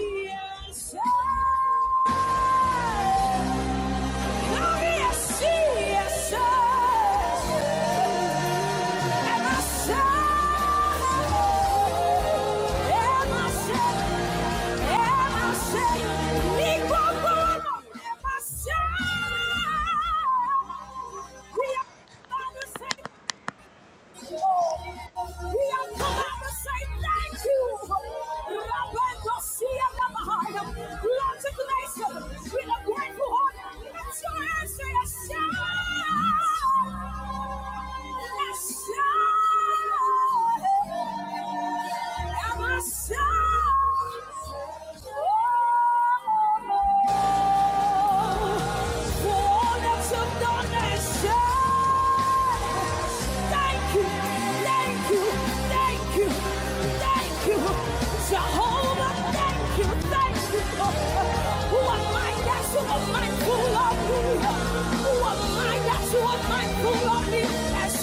Yes, I- Now yes, yes, and I say, and I say, and I say, and I say, we are the same. We are coming to say thank you. Rabandosia Nabahaya. Lord, to bless us with a grateful heart. Let your hands say a shout. A shout. Am I shout? Oh. Yes,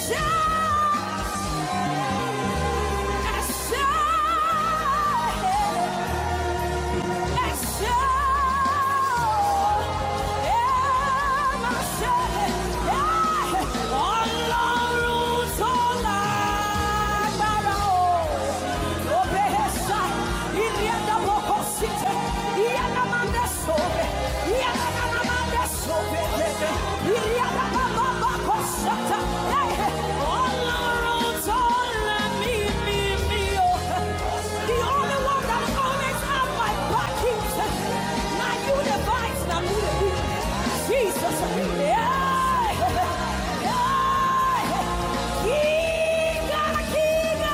sir! Yes, sir! Yeah. Shata. Hey. All our me, me, me, oh. The only one that always have my back is my universe, not me, me. Jesus. Yeah. Yeah. King,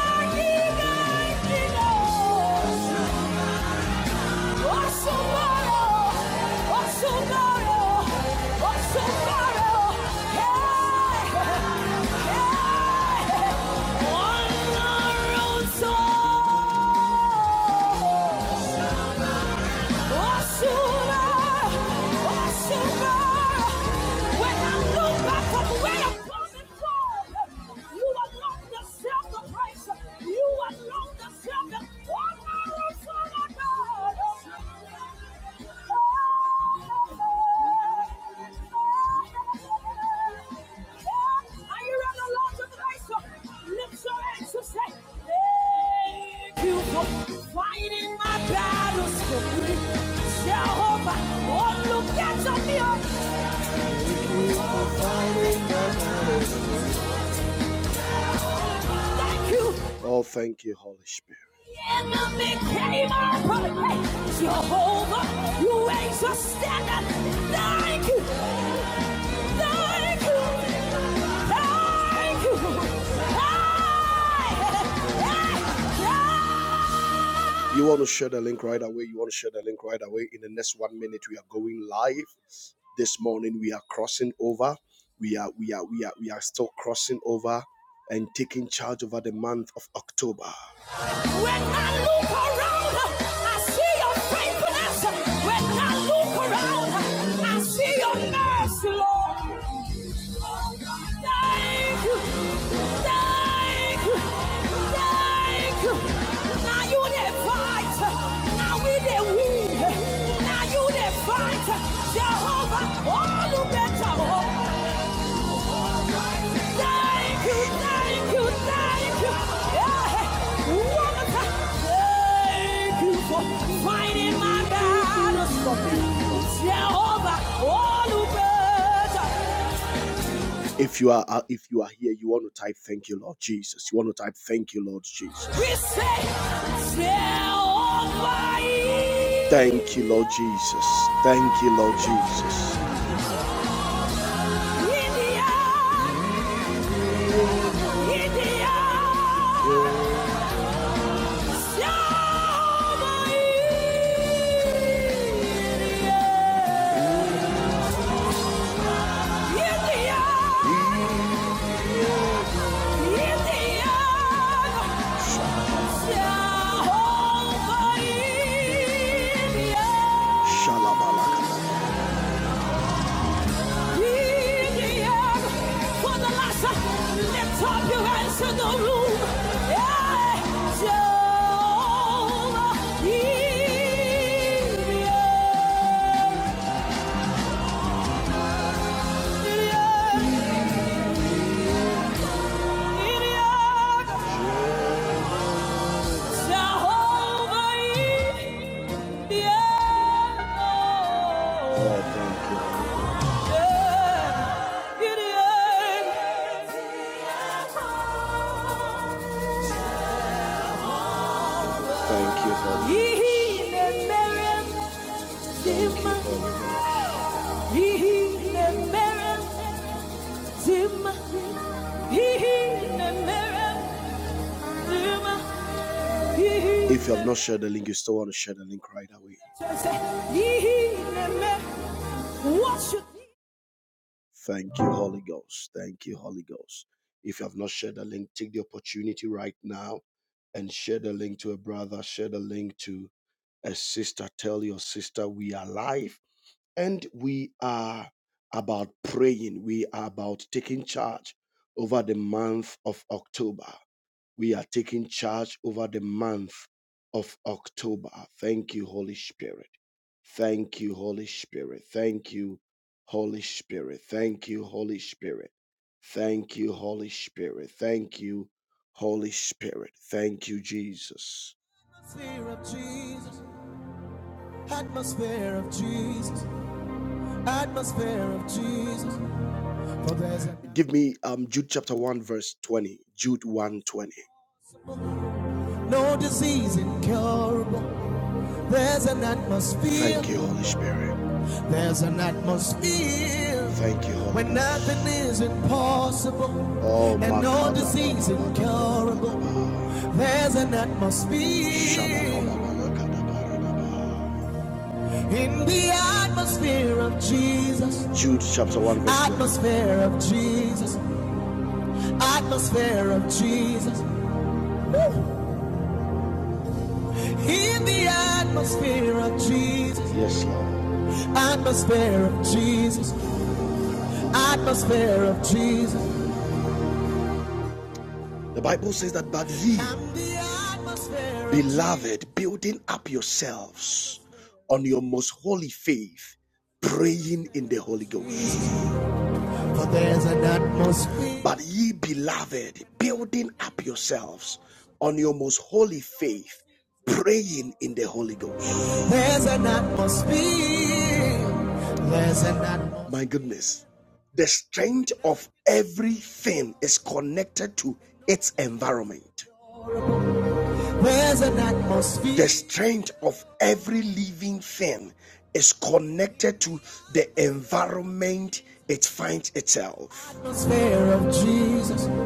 King, King, King, oh. Oh, are you on the Lord of Lift your hands and say, Thank you for fighting my battles for me. Jehovah, oh, look at me. Thank you for fighting the battles. Thank you. Oh, thank you, Holy Spirit. The enemy came our way. Jehovah, you raise a standard. Thank you. Thank you. Thank you. Hey, hey, hey. You want to share the link right away. You want to share the link right away. In the next one minute, we are going live. This morning, we are crossing over. We are we are we are we are still crossing over and taking charge over the month of October. When I look around, I see your faithfulness. When I look around, I see your mercy, Lord. Thank you. Thank Now you the fight. Now we the win. Now you the fight. Jehovah, all you better hope. Yeah. If you are uh, if you are here, you want to type thank you, Lord Jesus. You want to type thank you, Lord Jesus. We say, Thank you, Lord Jesus. Thank you, Lord Jesus. in the Yeah. Zima, he he, the mirror, Zima. If you have not shared the link, you still want to share the link right away. Thank you, Holy Ghost. Thank you, Holy Ghost. If you have not shared the link, take the opportunity right now and share the link to a brother, share the link to a sister. Tell your sister we are live and we are about praying. We are about taking charge over the month of October. We are taking charge over the month of October. Thank you, Holy Spirit. Thank you, Holy Spirit. Thank you, Holy Spirit. Thank you, Holy Spirit. Thank you, Holy Spirit. Thank you, Holy Spirit. Thank you, Jesus. Atmosphere of Jesus, atmosphere of Jesus, atmosphere of Jesus. a- Give me um Jude chapter 1, verse 20. Jude one 20. No disease incurable. There's an atmosphere. Thank you, Holy Spirit. There's an atmosphere Thank you, Holy Spirit. when nothing is impossible Oh, and my no disease incurable. There's an atmosphere in the atmosphere of Jesus. Jude chapter 1, verse 1. Atmosphere of Jesus. Atmosphere of Jesus. In the atmosphere of Jesus, Yes, Lord. atmosphere of Jesus, atmosphere of Jesus. The Bible says that, but ye, beloved, building up yourselves on your most holy faith, praying in the Holy Ghost. for there's an atmosphere. But ye beloved, building up yourselves on your most holy faith, praying in the Holy Ghost. There's an atmosphere. There's an atmosphere. My goodness, the strength of everything is connected to its environment. The strength of every living thing is connected to the environment it finds itself.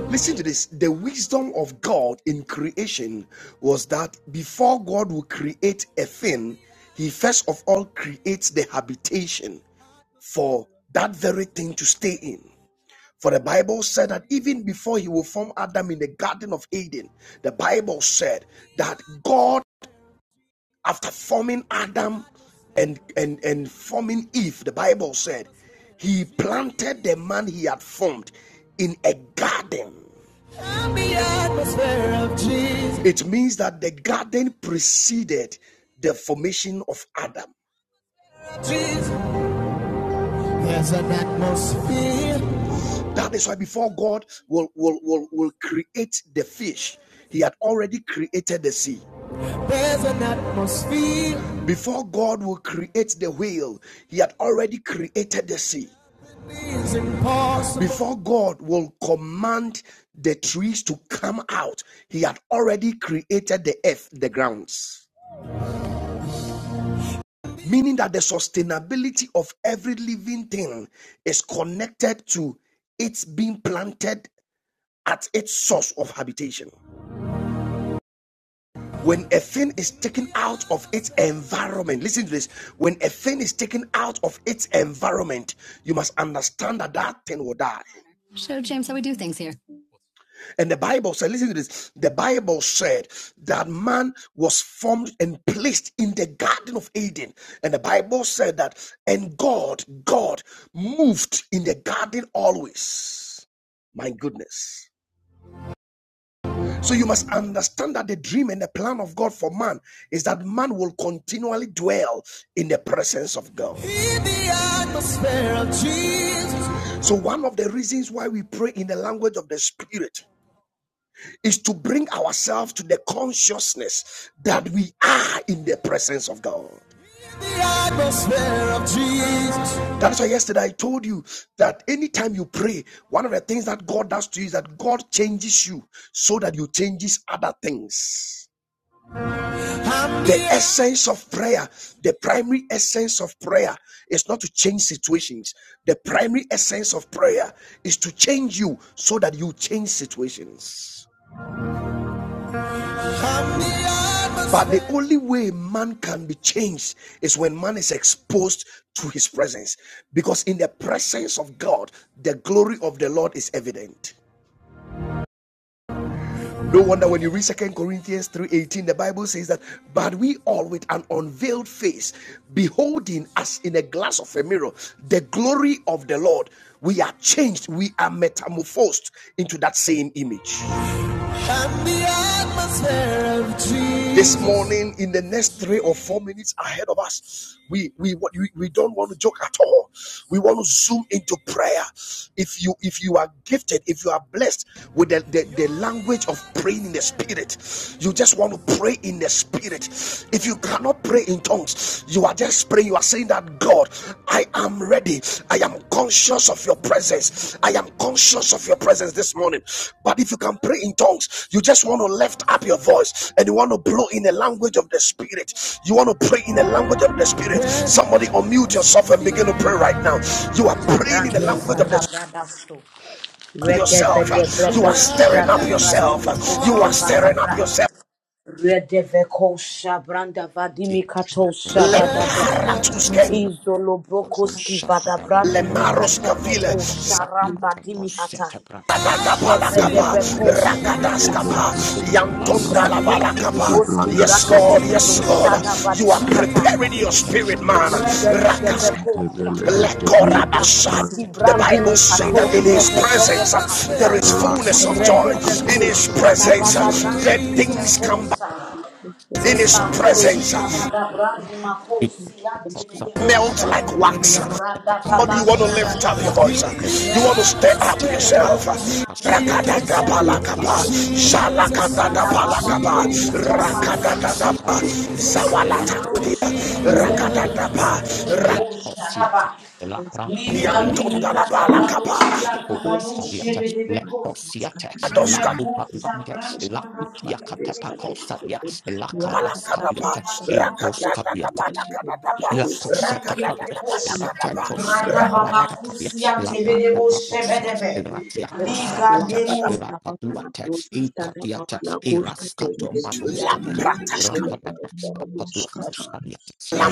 Listen to this. The wisdom of God in creation was that before God would create a thing, he first of all creates the habitation for that very thing to stay in. For the Bible said that even before he will form Adam in the Garden of Eden, the Bible said that God, after forming Adam and, and, and forming Eve, the Bible said he planted the man he had formed in a garden. It means that the garden preceded the formation of Adam. There's an atmosphere That is why before God will, will, will, will create the fish, He had already created the sea. There's an atmosphere. Before God will create the whale, He had already created the sea. Before God will command the trees to come out, He had already created the earth, the grounds. Meaning that the sustainability of every living thing is connected to its being planted at its source of habitation. When a thing is taken out of its environment, listen to this. When a thing is taken out of its environment, you must understand that that thing will die. Show James how we do things here. And the Bible said, listen to this. The Bible said that man was formed and placed in the Garden of Eden. And the Bible said that, and God, God moved in the garden always. My goodness. So you must understand that the dream and the plan of God for man is that man will continually dwell in the presence of God. In the atmosphere of Jesus. So one of the reasons why we pray in the language of the spirit is to bring ourselves to the consciousness that we are in the presence of God. In The atmosphere of Jesus. That is why yesterday I told you that anytime you pray, one of the things that God does to you is that God changes you so that you changes other things. the essence of prayer, the primary essence of prayer is not to change situations. The primary essence of prayer is to change you so that you change situations. But the only way man can be changed is when man is exposed to his presence. Because in the presence of God, the glory of the Lord is evident. No wonder when you read Second Corinthians 3:18, the Bible says that, but we all with an unveiled face, beholding as in a glass of a mirror, the glory of the Lord, we are changed, we are metamorphosed into that same image and the atmosphere of Jesus. this morning in the next three or four minutes ahead of us we we we, we don't want to joke at all we want to zoom into prayer if you if you are gifted if you are blessed with the, the, the language of praying in the spirit you just want to pray in the spirit if you cannot pray in tongues you are just praying. You are saying that God, I am ready. I am conscious of your presence. I am conscious of your presence this morning. But if you can pray in tongues, you just want to lift up your voice and you want to blow in the language of the spirit. You want to pray in the language of the spirit. Somebody unmute yourself and begin to pray right now. You are praying in the Tabrandi language of the Mikata Bradasto, spirit Regebe yourself. de You Bredo, are stirring up Shada yourself. Bradimi You are stirring Koskevana up Bra, yourself. Redeveko Shabranda Thank Vadimikato Thank Shabada Brand, Leparatuske. Izolo Brokoski Vada Brandimi Lemaros Katevedo Kavile, Sharamba Dimihatai, Ivranda Shebredebeko Shada Baba. Ibrahim Dimi Hoski Yes, said Lord, if Brakatimi the no yes, Lord. letters Shada You are Badimi preparing your spirit, man. let the Redevedebekosa. relative the Libra Ibrakuski The brandi Bible La says that in mikatoshe his Shababa presence uh, debedebahasa. there is fullness Rapala of joy. In his Redevekosa presence, uh, tabata Sabran brandi dead things come back. midivekosa. In his presence, Rebakosha uh, bada brandi you makosi lante of Sadakas, melt bedehosha. the lack like of the wax. Sadakas, the Somebody, lack you want of to Radababasha Sadakas, lift up dadaba. your voice. uh, the You Gia want to of stir up yourself. Redevedebekosi uh, Sadakas, Sadakas, Sadakas, atabrandosi the lack of Sadakas, Rakadadabalakapa, the atebedebosha. Possetta, shalak the lack of Sadakas, the lack Radababakosha of atabrandi Sadakas, the lack of Sadakas, the lack of Sadakas, the lack of you. Sadakas, the lack Thank of Paviata, Librandi Yantondalabala Prospata, katabrando kapa. la sia kabano Lakosaviata, shebe de la bekos. Reme Adoska. Lakupa kosa Langa, brandi mahatu Lakitia de bekos. Catapacosavia, Rada Balakadapa, Lakaraskaviata, kabasa Egoskaviata, rakatatatapalakadapa, La cosetta kakosia de pavias, bekos. ratia rakatatatapalakadapa. Rada cosetta baba brata cavias, kusia la tebe de brata bo shebe paposa, de be. ratia cosetta, Liga demos. rapaduate, incatiata, irascato maduscadia. Prataska, Rata paposa, paduacusadia,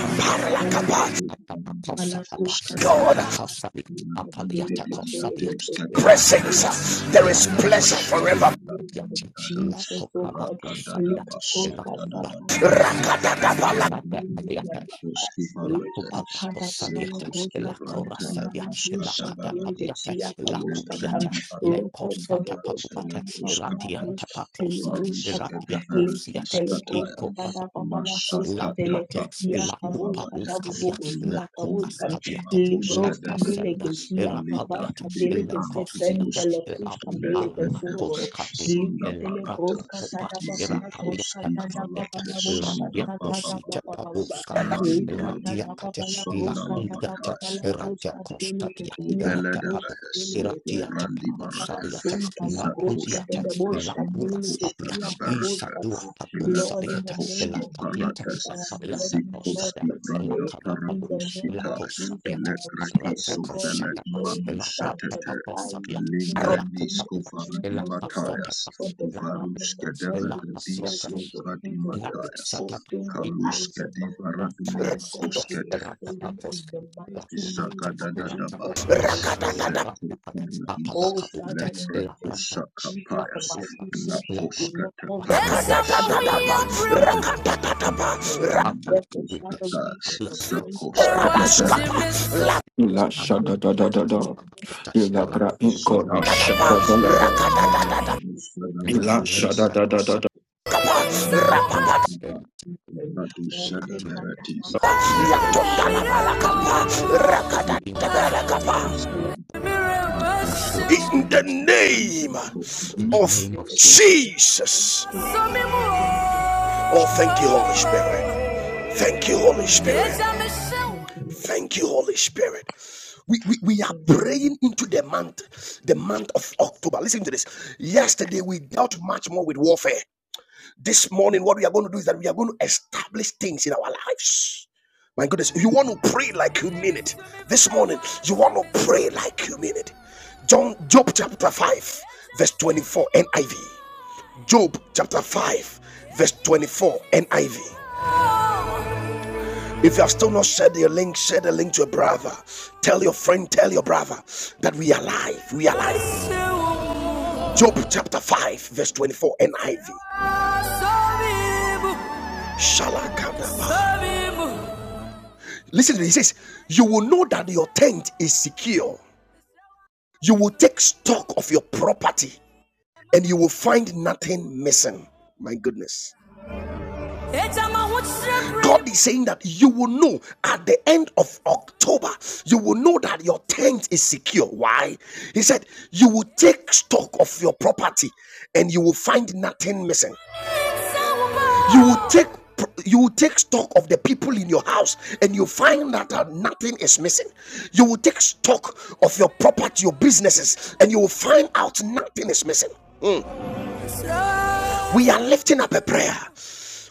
rata paposa, you. rata paposa, Mala kuka tata God, rata papa cosadia, kuka zele apaliata ke zele ke cosadia, zote ya ratia cos. kawishi. presence, there is Rata pleasure paga, la forever. papiatia, la Jesus, oh copa God, vacusadia, Lika la Koka copa Sapa Papala vacusadia, rata paviata. La Lika pupa la Pada Papala cosaliata, Koka la Tada corasalia, Papala la Dusha Kili de catapaliata, Tia la Kabuska Tam cutiata, le Roko costata Todo Boska paluata, Papala irradianta Buska Tele pacosa, Buska Tam irradia Lika cosiata, Tele e Buska copa la Dada Papala Koska la Deleke duate, Tia la cupa Kabuska Dabu muscadia, Bogo Tia la cupa Kabuska scadiata, la Libroska casalia, Deleke Tia irrapaliata, Kabaska Deleke le Sepen cosiata, la Delekuska alua Deleke coscadia, la Liketele prata broska pupa, tada baba la broska irrapaliata, tada baba castiata, la la broska tada cosita baba baba ba. paluscadia. Likata Ratia baba katia baba la la broska tada kundata baba la ratia broska dele ke kostatia iya ratia kaboska papo dele bebe. ratia tapapo Baba la sadiata senta la la broska kudiata dele la broska kura dele ke sabia iya isa kaboska dua ta. papo Lord, in the sadiata name la of katiata Jesus, la I am kaviata ready, Lord, kostatia for la today. kada In papo the la name of Jesus, I kostabiata am ratia special God kostanga today. la ratia papo Sanctify sabiata me in the la name of kupapia la Jesus, O God kastata from the la crown of my head to la the soles kastata of your feet, O la God. kastata Open the eyes of my Yes, understanding to the same in the mighty name of Jesus here this morning. Oh, Father, in the name of Jesus, the mighty seed, you will not call the seed of Jesus to Kadatatatapa, be with you, O rakatatatapa, God. Therefore, Father, we in your point to you this Ila radaskapa, shada morning. da da da We are not here in vain. We are da. not here Ila in bra vain. inko O na God. shada We are da da not da. here, O Ila God, shada da da da da. lapa, in the ra- name of Jesus. In Lord, we cut that up, up, and I cross it, we yatondalabalakapa, give it to you, today, and tomorrow. Lord. We want to cut that up, Lord. We in will the cut that name up, and I the cross of name it, of we give it to Jesus, you. today. Thank Jesus. you, Father. Thank you, Lord. Oh, In thank you, Jesus- Holy Spirit. Thank you, Holy name. Spirit. Amen. Thank you, Lord Thank you, Jesus. Holy Spirit. We, we, we are praying Amen. into the month, the month of October. Listen to this. Yesterday we dealt much more with warfare. This morning, what we are going to do is that we are going to establish things in our lives. My goodness, you want to pray like you mean it. This morning, you want to pray like you mean it. John, Job chapter 5, verse 24, NIV. Job chapter 5, verse 24, NIV. If you have still not shared your link, share the link to a brother. Tell your friend, tell your brother that we are alive. We are alive. Job chapter 5, verse 24, NIV. Shalakadaba. Listen to me. He says, You will know that your tent is secure. You will take stock of your property and you will find nothing missing. My goodness. God is saying that you will know at the end of October, you will know that your tent is secure. Why? He said, You will take stock of your property and you will find nothing missing. You will take you will take stock of the people in your house and you find that uh, nothing is missing. You will take stock of your property, your businesses, and you will find out nothing is missing. We are lifting up a prayer.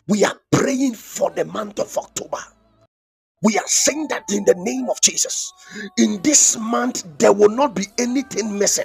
We are praying for the month of October. We are saying that in the name of Jesus. In this month, there will not be anything missing.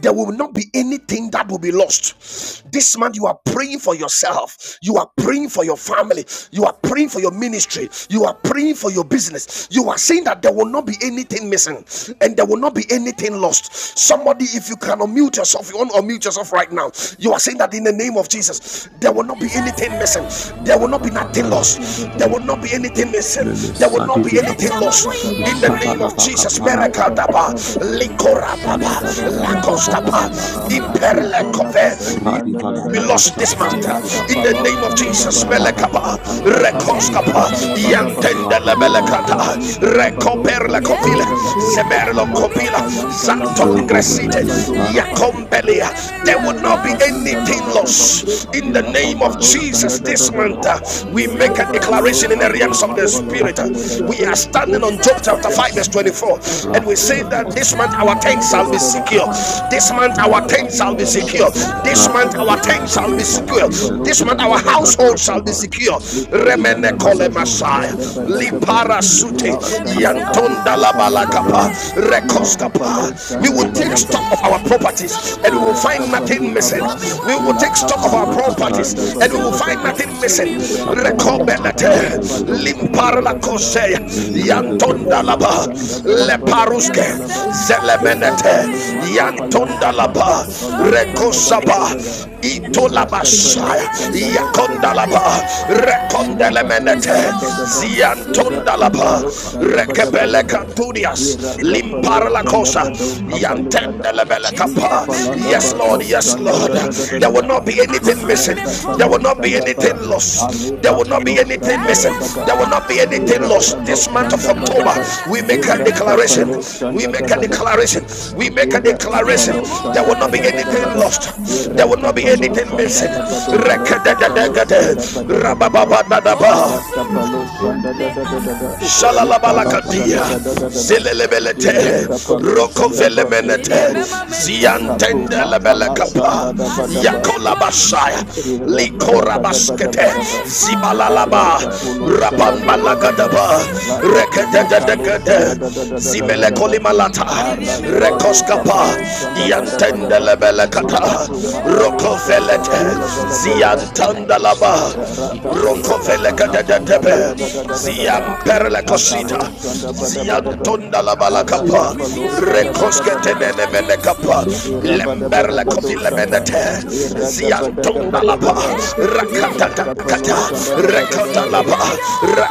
There will not be anything that will be lost. This month, you are praying for yourself. You are praying for your family. You are praying for your ministry. You are praying for your business. You are saying that there will not be anything missing. And there will not be any anything lost. Somebody, if you can unmute yourself, you want to unmute yourself right now. You are saying that in the name of Jesus, there will not be anything missing. There will Ila not be papa nothing na We will shada lost. da da. There not will be able not be to anything missing. do Lele There Ila will not in bra be the Sadifica inka name anything of na the lost. ba da ba children In the da ba. name of Shabalabaka Jesus, Ila miracle da da daba, da da. Parakapadabaka Ila shada likorababa, da da da da. in the Shadadavalabaka Baba name lakostapa, of Jesus, Pabra, O Barakapadaba God. Palabado, imperlekove, Father, in the be month Sandadada, Radivaladaba of lost this Shabran month October, de uh, Ila there in Bicapa will the not Capalo, name be of anything Jesus. Sandadabadaba, Melekapa, Rabadabaka missing, Pala there Ila de will not Capali, be Belebesha Rekoskapa, anything Antalabadaba, missing Yantende in the name Irapa, Lebelekata, of Rakabaraka Intalabado, Jesus, Rekoper la O God. kovile, Sandadadada, Lord, let the Zemerlo Ila Lord Kopila, come to the Capayan, Zanton Talabado, Lord and Gresite, the Lord Radabado, Rende come to Capa, the Lord. Yakombelia. There La will not be Iraba, casa, la anything vida, la Indalabadaba, cruz, lost la in the casa, Ila la name of casa, Cabado, la cruz, Jesus this la casa, month. la Sandadadada, uh, cruz. We make Lord, a Irapa, la Ilo, declaration in casa, the la Cabro, realms of the cruz, Macolo, la Spirit. cruz, la Sandada, We are standing cruz, on la Job cruz, chapter 5, verse la cruz 24, and we say name that of this month our La da, Jesus, da. tents oh shall da be da God. da, secure. Father, in This the month name our of Iraba tent shall in Jesus, be the in the secure. Labado, name of This the Sanda da month da King, da, our tent Father, shall be in Ira the secure. name of Capalo, This the month Sanda our da splendor, da da, I household shall be Papa, thank and secure. Rico declare Remene Sanda da my kole Bado, strength masaya. is Rada Bada secure, Gaba, Lipara my sute. Ila household is Sanda Badi secure Yantonda this la Antala month balakapa. Badaba, in the Ila name of Capalo, Rekoskapa. We Sanda will Jesus, take in stock this of our means of the properties and we will Savior, find in the nothing Irakapali missing. name kapa, of We will take Jesus. stock of ilakapa our Let no the shanda Lord properties daba and we make will daba it find clear daba. that nothing Thank we missing. will take care Irakapali of our mankala Rekobelete. daba services do and shanda we Limpara will la dada dada da see da. kosea moving, moving, oh God, yantonda Irakapalo laba shanda God, bala bala bala in leparuske the bala ba. name of the Lord zelemenete Jesus Irakapali Christ, I makapayan yantonda tapa will laba take care Ola of shanda my dada dada rekosaba da da property. da. I will not change my Irakapalo itolabashaya family shanda in dada da yakonda the laba name of Jesus Christ. I will not Iraba rekondelemenete indala change my badaba. family. I will Ira ziantonda take laba kapalo shanda care rekebele badabadaba. katunias Ira of my kapalo limpar la family shanda cosa bado we that yantende kapalikada. lebele Jesus kapa and we Ikapalanda yes ba lord will lo be yes shanda lord da da da da da there will the da. not be believer anything Ira missing that in this there will kapalo this not be shanda look you. anything ba. anything into the lost. Ale There name will Thank not be kapalo anything shanda missing. da ba of There da. will Jesus, not I be anything Ira lost. kapalo This month of shanda repent. October, badaba. we Jesus, make a Ira make me deliver. My engagement, make me declaration. kapalo We make a shanda deliver. In the declaration. name We make of a Era Jesus, O declaration. kapalo God. There chanda will da not be da da da anything da da. In the lost. There Era will not mighty be kapalo anything name of chanda the missing. da ba Lord do. Ra Jesus, kapalo declare chanda ba da and ba da ba. declare and declare Ara in kapalo the name chanda of da da da da da. Jesus, O God, my Ikala faith Shalalabalakatia. chanda da is da da da da. secure, my Era Zilelebelete. family is kapalo chanda secure, ba le Rokovelemenete. everything kabru. that La concerns kapru me is makala secure. Ziantendelebelekapa. chanda da In ba the da name ba. of Jesus, Yakolabashaya. the God, Era ba that da ba may da not ba da Likorabaskete. ba da be ba. in Ara Zibalalaba. kapulo the chanda ba da ba da in ba. this Rapambalagadaba. movement La of kapru freedom, makalo that we chanda Rekedededekede. da da da need da da to be da da. Zimelekolimalata. able to go, you. Aragabado that we Rekoskapa. kapalo need to be shanda able bada Laptop, bada to ba. listen to the Yantendelebelekata. Lekapru name of makalo Jesus. shanta la Rokovelete. bala Listen bala closely bala ba. to the Ziantandalaba. people Rakapola Rokovele kapru matanda da Thank da kadadebe, da da da da da ziam da. perle Akalo kosita, shanda bada bada ba. ziantonda la balakapa, Arakapalo shanda bada rekoske bada ba. tenene mene kapa, Ira bada bada lemberle bado kovile shata. menete, Iragabada ziantonda la gabada gabada ba, gaba. Ira rakata kapalo kata, shanda da da da da da rakata da la da. ba,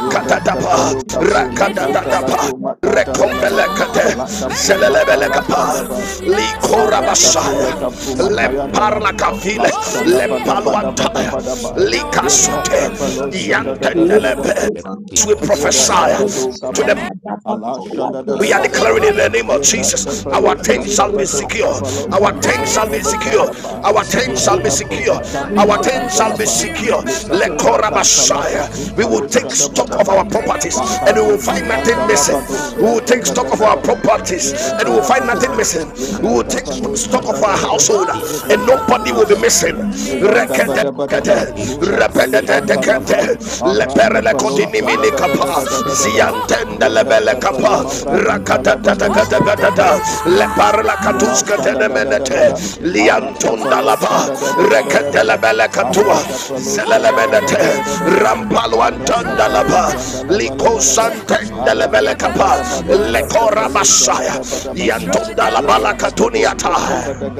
Ira ba, kapalo kabru makanta rakatata la ba. bru makanta la la la. Rekombelekete, La kapru makala shanda zelelebelekapa, ba. you. Aratapula likorabashaya, kapruma Thank kayantala. lemparla La kavile, shanda bada bada bada lempaluantaya, bada ba. likasute, Iratapalo shanda da da da da da. yantendelebe. We Ira prophesy dabado to the kapa. Allah shanda da da we are da da da declaring da. in the name of Ira Jesus, kapalo our tent shanda shall be bado secure. kapalo Our shanda tent shall be balabada secure. brakapa. Our tent Ira you. shall be kapru secure. makapru In Our the makan tent shall name be of talapa, secure. Le Jesus, Lord. La kapru Lekora makanta We Messiah. labra We will ikalo take shanda choose stock of our badaba. In the properties La name and of we will kabru find Jesus. nothing makanda missing. We labado We take will reka take care of stock of our our badagaba. Father, properties Ira Father's and we will name find to nothing badabadaba. God. missing. In We Ira the will take kapalo remaining stock shanda of months da our of da the household year, and the da. nobody will be time missing. we need people Buranda in Rekete the bada bada ba, name of mura Jesus. pali Repetete anta In the lapa, tekete name of ara leperele Jesus, kapalo we kotini shanda mini da da pray. da We kapa da da da take da care of da. ziantende our Ira lebele Father, kapali kapa and we mambra inta to rakatata lapa do, takata be ra in kapa katata the leparla name ilau of katuska Jesus. shanda da da da da da. we tenemenete no Ara liantunda kapalo lava shanda da da da da da rekete da da. lebele katua Ara kapalo zelele shanda da da da menete da da da da. Ara rampalwantanda kapalo lava shanda la ba la liko ba la ba. santende Ara lebele gabada kapa gabado, ra lekora shanda basaya da ba da ba. yantunda lava Ira la gabado, ra Yeah, katuniata gabada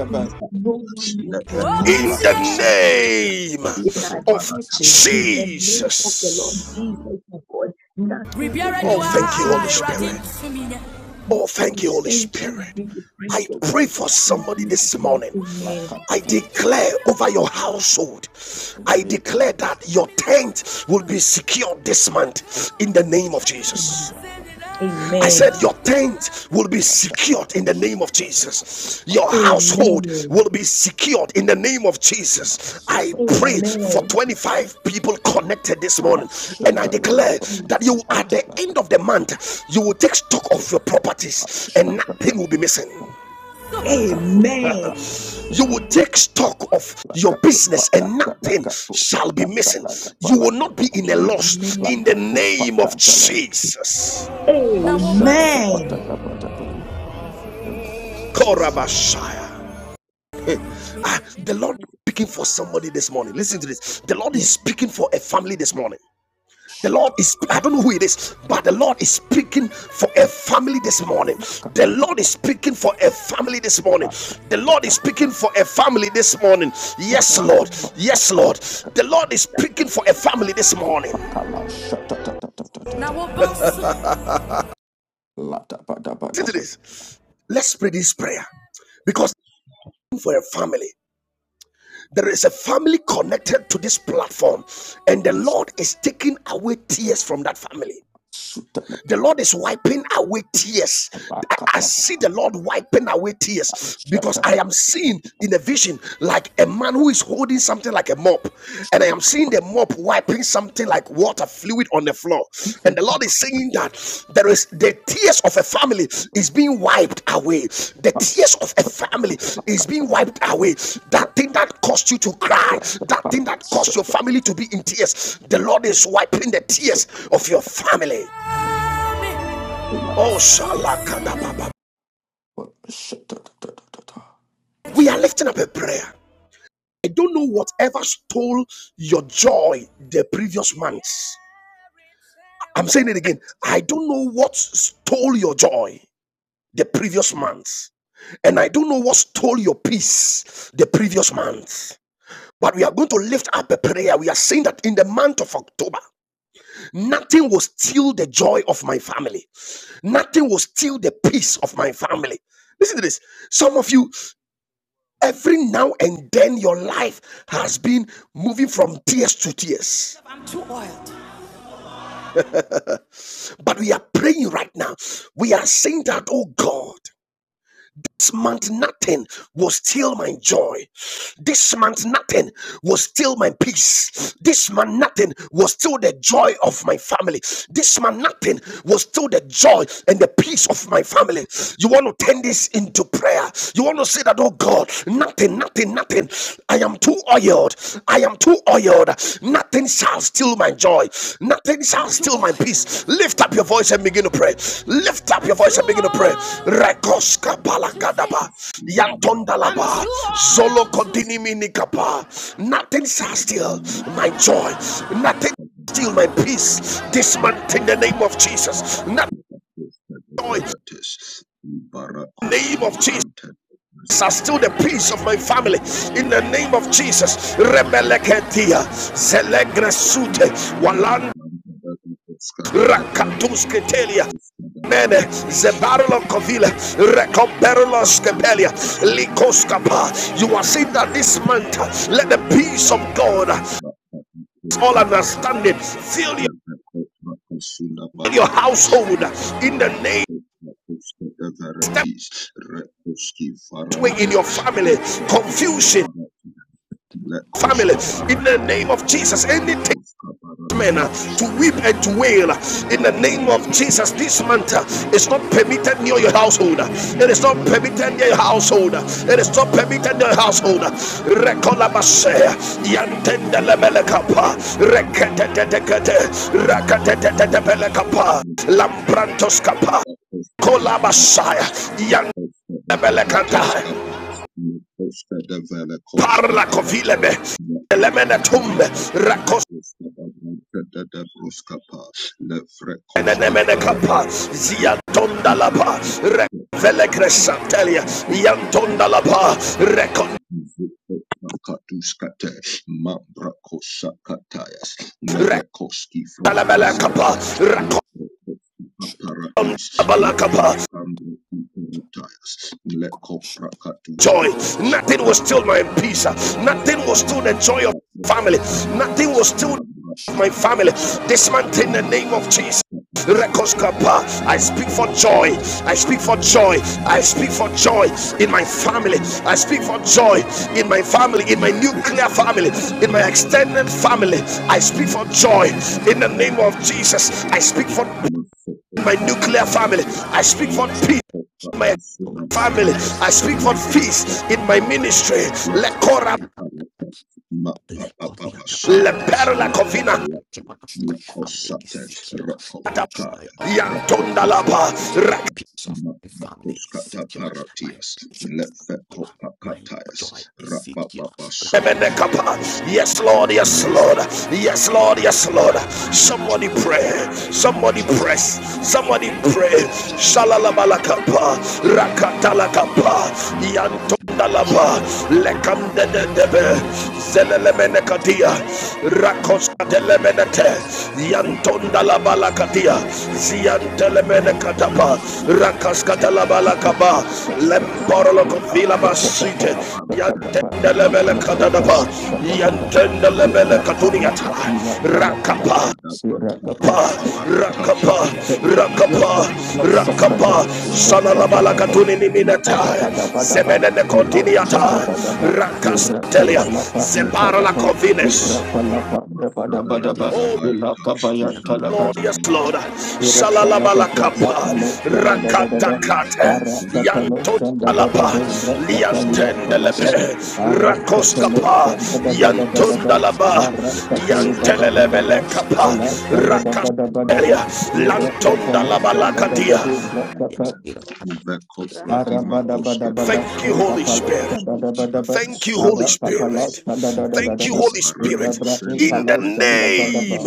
one will be in missed the name in in our Shanda da da of da. churches the in name the of name of Jesus. the Lord Jesus. Jesus, my God. Nothing will be Oh, thank you, missing in Holy the Spirit. name of Oh, Father, thank we you, Holy thank you. We Spirit. give you praise, I Shanda O da da. God. pray for In somebody Jesus' this name, morning. amen. I Lakatatata. declare over your household, In the I name of declare that Jesus. your tent will be secured this month in the name of Jesus. Amen. Shakapalas. I Amen. said, Your tent will be secured in the Rakapanash. name of Jesus. Your Rakatopakata. household Amen. will be secured in the name of Jesus. I pray Sivalabara. for Amen. 25 people connected this I'm morning, so and I declare grateful. that Ashtatalakapalas. you, at the end of Atalakapakapro. the month, you will take stock of your properties and nothing will be missing. Ashtatakapakala. Amen. Lakapakala. You will take Sekapakala. stock of your business and Lakapakata. nothing shall be Lakapakata. missing. You will not be Lakapalakapa. in a loss in Amen. the name of Lakapakata. Jesus. Now, Amen. Ashtatakapakata. Korabashaya. Hey, Ah, the Lord is speaking for somebody this morning. Listen to this. The Lord is Yes. speaking for a family this morning. The Shut Lord is, I don't know who it is, but the Lord is speaking for a family this morning. The up. Lord is speaking for a family this morning. Shut The Lord is speaking for a family this morning. Yes, Lord. Yes, Lord. The Lord is speaking for a family this morning. Now we'll Listen to this. Let's pray this prayer because for a family. There is a family connected to this platform, and the Lord is taking away tears from that family. The Lord is wiping away tears. I, see the Lord wiping away tears because I am seeing in a vision like a man who is holding something like a mop, and I am seeing the mop wiping something like water fluid on the floor. And the Lord is saying that there is the tears of a family is being wiped away. The tears of a family is being wiped away. That thing that caused you to cry, that thing that caused your family to be in tears, the Lord is wiping the tears of your family. Oh, shalakadababa. We are lifting up a prayer. I don't know whatever stole your joy the previous months. I'm saying it again. I don't know what stole your joy the previous months. And I don't know what stole your peace the previous month. But we are going to lift up a prayer. We are saying that in the month of October, nothing will steal the joy of my family. Nothing will steal the peace of my family. Listen to this. Some of you, Every now and then, your life has been moving from tears to tears. But we are praying right now. We are saying that, oh God, this month nothing will steal my joy. This month nothing will steal my peace. This month nothing will steal the joy of my family. This month nothing will steal the joy and the peace of my family. You want to turn this into prayer. You want to say that, oh God, nothing, nothing, nothing. I am too oiled. I am too oiled. oiled. Nothing shall steal my joy. Nothing shall steal my peace. Lift up your voice and begin to pray. Lift up your voice and begin to pray. Rekoska palakadaba. Yantondalaba. Solo continue minikapa. Nothing shall steal my joy. Nothing shall steal my peace. This month in the name of Jesus. Nothing joy. In the name of Jesus. Are still the peace of my family in the name of Jesus. Rebeleketia, zelegresute, Walan Rakatus Ketelia. Mene Zebarlo Kovila Recomperlo Skepelia Likoskapa. You are saying that this month let the peace of God all understanding fill your, your household in the name step away in your family confusion family in the name of Jesus anything men uh, to weep and to wail in the name of Jesus. This month uh, is not permitted near your household. It is not permitted near your household. It is not permitted near your household. Rekolabashe yantendelebelekapa reketetetekete rakatetetetepelekapa lambrantoskapa kolabashaya yantelebelekata parla kovilebe elemene tumbe Enenemenekapa, Ziatondalapa, Revelecresantelia, Yantondalapa, Recon, Recalabalacapa, Racondabalacapa. Joy, nothing will steal my peace, nothing will steal the joy of family, nothing will steal my family this month in the name of Jesus. Rekoskapa. I speak for joy. Yet I speak Elabra, for joy. I speak for Elabia joy in Sata, my family. Elapu, I speak for joy in my family, in my Elatia Kavos, nuclear family, in my extended Elatia family. Kavos, Elatia Kavos, I speak for joy Elatia in Kavos, the name of Elatia Jesus. I Kavos, speak for my nuclear family. I speak for peace in my family. I speak for peace in my ministry. Elatia Kavos, Lekora Elatia leperla Lekodiatapalakoskapa. kovina. The joy of my family is secure. The joy of my family is secure. Yantondalapa The peace of my family is secure. My peace is secure. My joy is secure. Lakodiatakoskapa. Yes, Lord, yes, I Lord, still my yes, Lord, yes, you can Lord. be my joy Somebody in pray, the name of somebody Jesus. press, Let somebody your temple pray. of Savior Shalalabalakapa, share and let Rakatalakapa, your temple of Savior Yantondalaba, share Lekandedebe, Zelelemenekadia, Rakoskatelemenete, Yes, Yantondalabalakadia, Ziantelemenekatapa, Rakaskatalabalakaba, Lemporolokofilabasite. Yantenda lebele kadadaba. Yantenda lebele katuniata. Rakapa. Pa, Rakapa, Rakapa, Rakapa, Salalabala Katuni Niminata, Zemene Continiata, Rakastelia, Zepara la Covines. Oh, Ilaka Lord, yes, Lord. Amen. Shalalabalakapa, rakatakate, yantonalapa, Thank liantendelepe, rakoskapa, yantondalaba, yantelelebelekapa, rakasteria, lantondalabalakadia. Amen. Thank you, Holy Spirit. Thank you, Holy Spirit. Thank you, Thank you, Holy Jesus. Spirit. In the name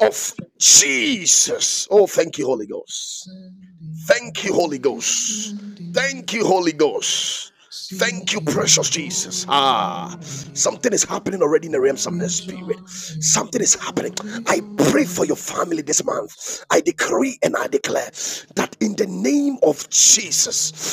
of you. Jesus. Oh, thank you, Holy Ghost. Thank you, Holy Ghost. Thank you, Holy Ghost. Thank you, precious Jesus. Ah, something is happening already in the realms of the spirit. Something is happening. I pray for your family this month. I decree and I declare that in the name of Jesus,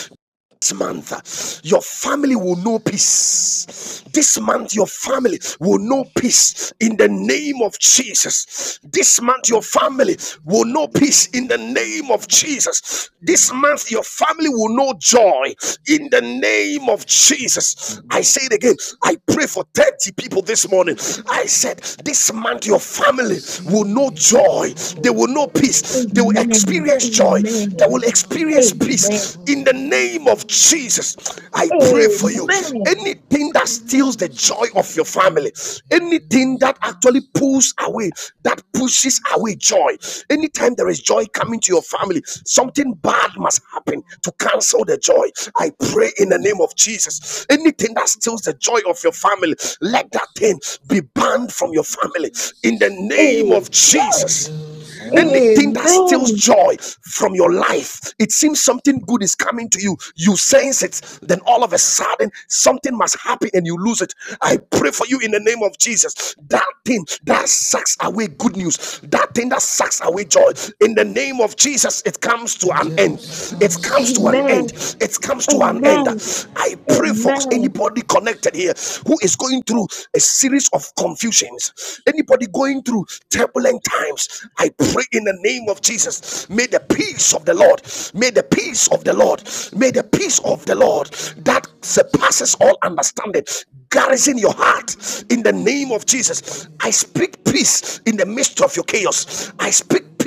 this month, your family will know peace. This month, your family will know peace in the name of Jesus. This month, your family will know peace in the name of Jesus. This month, your family will know joy in the name of Jesus. I say it again. I pray for 30 people this morning. I said, This month, your family will know joy. They will know for peace. They will Amen. Amen. experience joy. They Amen. will experience Amen. peace. In the name of Jesus, I pray for Amen. you. Anything that steals the joy of your family, anything that actually pulls away, that pushes away joy. Anytime there is joy coming to your family, something bad must happen to cancel the joy. I pray in the name of Jesus. Anything that steals the joy of your family, let that thing be banned from your family in the name of Amen. Jesus. Amen. Anything that steals Amen. joy from your life, it seems something good is coming to you. You sense it, then all of a sudden something must happen and you lose it. I pray for you in the name of Jesus. That thing that sucks away good news, that thing that sucks away joy, in the name of Jesus, it comes to an end. It comes to an Amen. end. It comes to an end. I pray for any Amen. anybody connected here who is going through a series of confusions, anybody going through turbulent times, I pray in the name of Jesus, may the peace of the Lord, may the peace of the Lord, may the peace of the Lord that surpasses all understanding garrison your heart in the name of Jesus. I speak peace in the midst of your chaos. I speak peace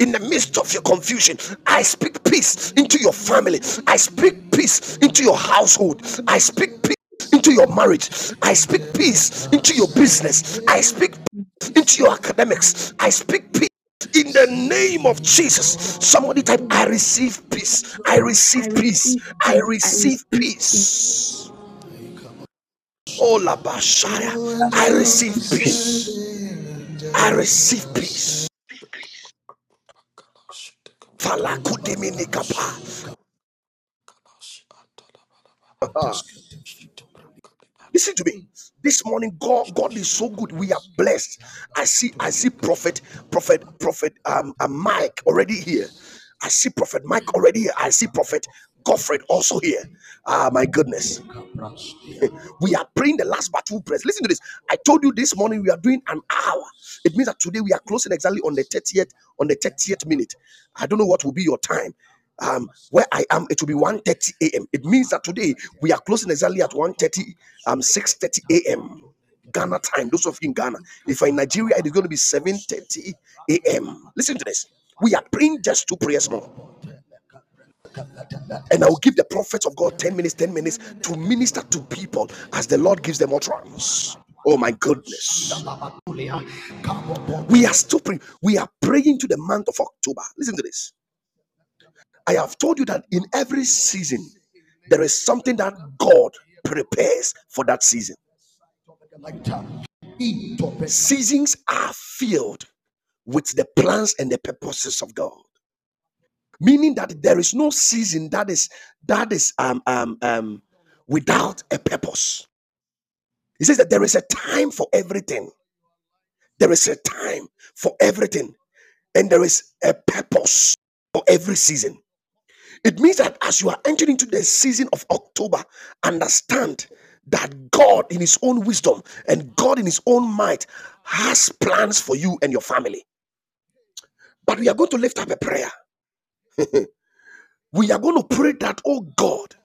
in the midst of your confusion. I speak peace into your family. I speak peace into your household. I speak peace into your marriage. I speak peace into your business. I speak peace into your academics. I speak peace. In the name of Jesus, somebody type, I Amen. receive peace. I I receive peace. receive I peace. I receive receive peace. peace. Olabashaya. I receive peace. I receive peace. Falakudiminikapa. Listen to me. This morning, God, God is so good. We are blessed. I see, I see prophet, prophet, prophet um, uh, Mike already here. I see prophet Mike already here. I see prophet Godfred also here. Ah, my goodness. we are praying the last battle prayers. Listen to this. I told you this morning we are doing an hour. It means that today we are closing exactly on the 30th, on the 30th minute. I don't know what will be your time. Um, where I am, it will be one thirty a.m. It means that today we are closing exactly at 1:30, um, 6:30 a.m. Ghana time. Those of you in Ghana, if you're in Nigeria, it is going to be 7:30 a.m. Listen to this. We are praying just two prayers more. And I will give the prophets of God 10 minutes, 10 minutes to minister to people as the Lord gives them utterance. Oh my goodness. We are still praying. We are praying to the month of October. Listen to this. I have told you that in every season, there is something that God prepares for that season. Seasons are filled with the plans and the purposes of God. Meaning that there is no season that is that is um um um without a purpose He says that there is a time for everything. There is a time for everything. And there is a purpose for every season. It means that as you are entering into the season of October, understand that God, in His own wisdom and God, in His own might, has plans for you and your family. But we are going to lift up a prayer. We are going to pray that, oh God,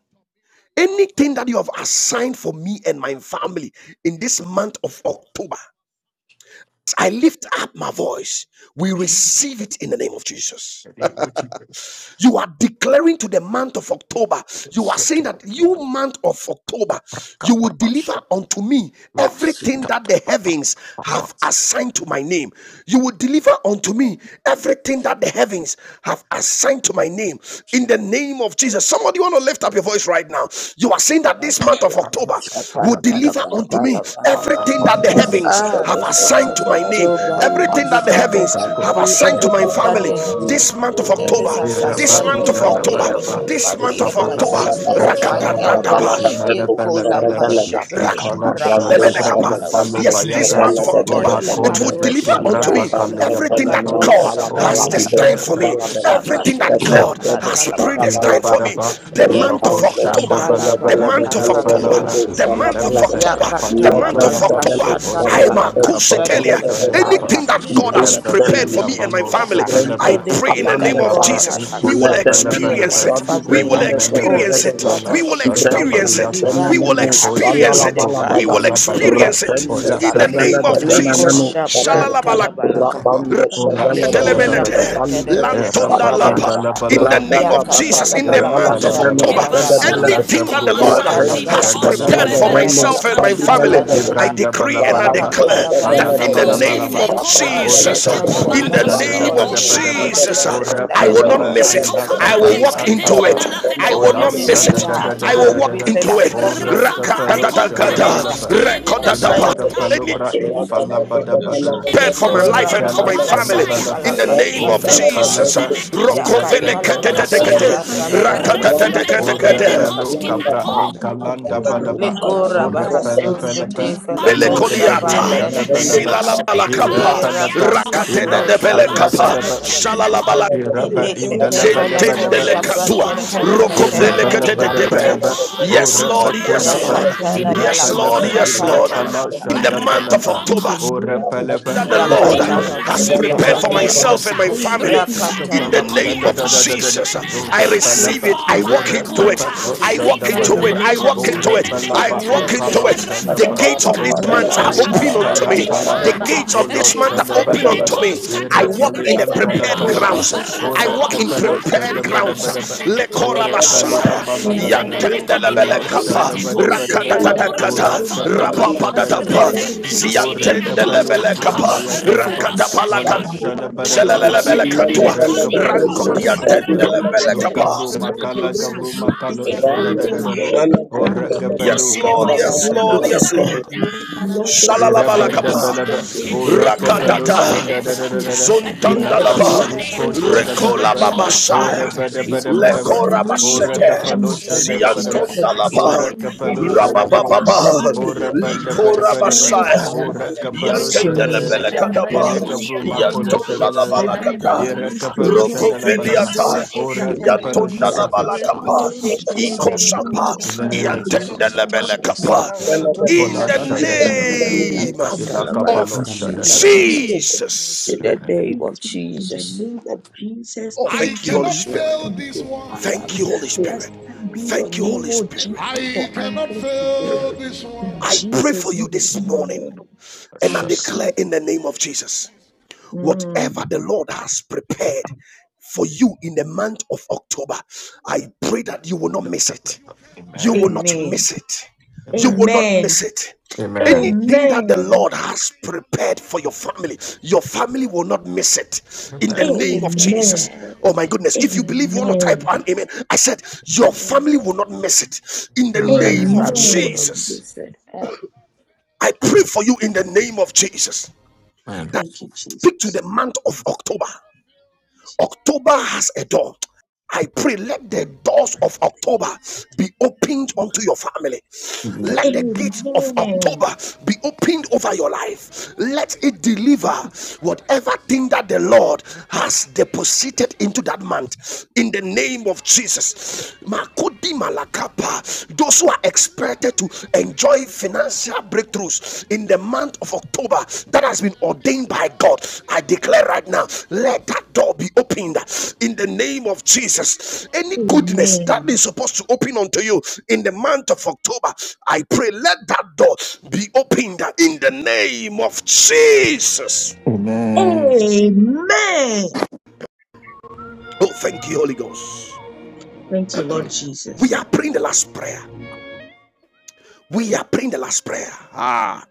anything that you have assigned for me and my family in this month of October, I lift up my voice. We receive it in the name of Jesus. You are declaring to the month of October, you are saying that you, month of October, you will deliver Last unto me everything that the heavens have assigned to my name. You will deliver unto me everything that the heavens have assigned to my name in the name of Jesus. Somebody want to lift up your voice right now. You are saying that Ah, this month of October will deliver unto me everything that the heavens Thank have this month assigned to of my name, October will everything that the deliver heavens unto have me assigned to my everything that family. the This month of October, heavens has Iraba this assigned month to of my October, name and Ibalabadaba, my you. this month family and of my Isabalaba October, business Ipo and my Shadaba, health. Rakatatataba, Ekola Imalabalaba, pashakala Ikala baraka this fall, Shadabra shatala Lemenekapa. Ifalo deep baha. Yes, this Bayata, month of October, Rasakabela it will kato Imakoleve deliver unto shabra Ibrava me Kalia telefela everything that Badaba, kato God shabra Seconds, has Olo you are talabaha. destined for Shadaba me, Thank everything Yakato that God shabra has tala baha. predestined for me. Ilabadaba, Bullshit, The month Iloko of Yeko October, shapala the Shandabalaba, month balaka of tala October, Irapalapa, balaka the ha. month of Ilemeve October, the Yakatala month of balaka Kapayantalapa, October. shatala Ole I'ma. balaka Pandabado Kusetelia. shatala balaka Lebron, Sanadapa, ha. Anything that God Ibu It's has a new prepared for Ilevebelia fenomeno me and beginning my Balo family, ha. I Shabalaba, Fabrendos pray in Anything the that name of Cabanda God Ikalabra has Jesus, we will let assigned the for me and menu experience my Iponabalabalaba, it. shadi We family will ha. brenda de de Oh, Ilemenebe, de experience this de it. month Yola We of will de October will brendo experience it. Shandapaliata, deliver We will it fenomeno ha. experience falala Iposhika In the Bru it. balada We ba will mighty name Makalabadaba, of experience ratende it Jesus Ola Raposhita ha. in the Pra sebele name de of Leko Jesus. Ipayakapa, fenomeno shabra fadaba Shalalabala tala balaka ha. rapande Ola sebele de Leko beno shabra telemenete. Shadadadada, shali bredo televele kesha Erapa fadaba lapa. telebaha. In the Indalabalaba, rada name Ya da of da da Jesus, da in da the Yara katalabala sala month de bala of kasha brendo bala October, ba. talabala fedebele kaha. de Elaka pro Ya bakola ratende talabala shanda la sebele kasha de ba. brendo talabala shadi kasha bele de I talabaha. Ibranda decree and Ya I balabalaba, Rapando declare, katalabala Sadele de kaha. Brembo, kalabalabalaba, Any Shapradu blood, any ora Pelegade, purpose kapalo that the shanda da Lord, ba da ba Rapando anything Sadele gifts ora that I the will not de Lord palaba miss. has ila set Brembo, for me and you. kapali my family. Ibrado antapa, Sele Even in ola Brembo, this shanda Thank year, da da I da Shabele will da I will da not da bahasata, walk da, miss it. into Brembo, I it. will walk ora into it. Raposhita I kapalo shanda manifest bahasata. it uh, balaba, Thank in the ila mighty name kapalo Any of bra you. Jesus. infala ba da prepared for ila Likora kala bahasa shanda me in talabala balaba, the name kasha shata ora la baha. palaba, ila Yakata kapre talabala makalo kasha five shata shanda la ba balaka ba, shata la ora balaka minutes balo in kapra inkalanda ba ba. the one Likora Ora message pala to bahasus the pala new pa, kete feleko ilaga ba shapa tele shana bala ba, feleka ha. ira pala Era pa, ilau kasato shanda shapra bada tele ba, feleka ha. ira ba indala Ilekete bada bada feleko ba, shapra tele feleka ira tele bal. bala bada bada ba, Yes, ora ba Lord. you. Yes, kula pa, in Lord. the Yakata la ima name Yes, of fala balaka Lord. ba, Yes, Jesus. shata Thank la ibra Lord. and balaka kalau the ha. In the shanda Thank you. bala month of Thank ba, In the October, ora name of pala that the Jesus, Lord Yakata pa, in the talabala has name of prepared the Ora for myself and my capello everything I have in the done name shanda for of la Jesus. myself I it's receive it. I the walk into it. I walk Oh into it. I Lord, we walk into receive it. it. I So walk into it. definitely The work gates in of Kadabaka the this name month are of Padanasti open Jesus. unto Parabaka me. Make a para The place gates that of you this have month a are you. lot of open good unto me. company I with you walk at the in a bottom. prepared Oh, God, grounds. that that I that that walk in that that prepared grace that you have grounds. for that that that that that that. Lekorabasaya. We lift up your hands and the Lord continue to do everything, everything, and everything, balaba, ora and lead them capello in si the name the ambayatalapa, Lord. I Ola take shada it, bada they bada will ba. take Ilala me in Yera bala da the kapalo bendo, shada name of bada shabi the ba. bala Lord da Lo Jesus. kabro Yes, Lord, your makala word has gabro made makalo shanda da da Lord, Rambo da da. Lord, Shala and Ora Brenda Bella bless gabado us Lord, each kapalo yes, Tandavaya day with Lord, shada Bella your yes, Lord. benefit. Bella Bella. Rekala Lord, bala you. therefore, busha Irabanda tada every Shalalabalakapa. Thank baha balaba, single day Rekolo oraka in bo the balo month Rakatata. of shanda da da da da October, da, let the ilaka ba Zondandalaba, iko blessings of shanda Recola each day balaba, locate babasha, me. orabada bada In bada the ba, Lecora name oraka of Basete, balo Jesus, shanda da bada let ba, the Ziantondalaba, oraka blessings of balo God shanda of balaba, each day Rabababa, locate orabanda me. bada Licora bada ba, Find Basaya, me, oraka come balo to shanda me. da da, Yantendelebele In the Kataba, ilaka name bro of makola Jesus, shanda da the Yantondalabala da, one who Kata, you iraka wants to upon balo bless Roko shanda la balaba, it's individuals Veliata, yet as in oraka we other balo submit shanda ba. ourselves Yantondalabala studies up Kapa, firmly upon in the Yakuba name Ikosapa, of In the name Jesus of upon belongs Jesus, to that you Yantendelebele as is another. Kapa, that In Yakatuka the in ola shada the You bada shanda da said da Yakupon da in the that da, bahasa name name of name of because ilaka Jesus, balo of in the in shanda name the da of da da. Yakatalabalakashatalabaha. name Jesus of God. Jesus. In the Amen. name of Locate me in the Jesus. name of Jesus. Oh, thank Thank you, Holy you, Spirit. Lord. Thank you, Thank Father. you, Holy Spirit. Blessed be your Thank you, Holy name, O Spirit. Jesus, I for cannot answers to fail prayers. this one. In I pray Jesus' for you this name, morning amen. I and I Shut up. declare receive. in the name of Jesus Mm. Whatever the Lord has prepared for you in the month of October, I pray that you will not Shut miss up. shut it. up. You Amen. will not Amen. miss it. You Amen. will not miss Amen. it. Amen. Anything that the Amen. Lord has prepared for your family, your family will not miss it. In the Amen. name of Amen. Jesus. Amen. Oh my goodness. If you Amen. believe, you want to type Amen. an amen. I said, Your Amen. family will not miss it. In the My name of Amen. family would have Amen. been Jesus. set up. I pray for you in the name of Jesus. That Thank you, speak to Jesus. the month of October. October has a door. I pray, let the doors of October be opened unto your family. Let the gates of Amen. October be opened over your life. Let it deliver whatever thing that the Lord has deposited into that month. In the name of Jesus. Makodi malakapa. Those who are expected to enjoy financial breakthroughs in the month of October that has been ordained by God. I declare right now, let that door be opened in the name of Jesus. Any goodness that Amen. is supposed to open unto you in the month of October, I pray let that door be opened in the name of Jesus. Amen. Amen. Oh, thank you, Holy Ghost. Thank you, Lord Jesus. We are praying the last prayer. We are praying the last prayer. Ah,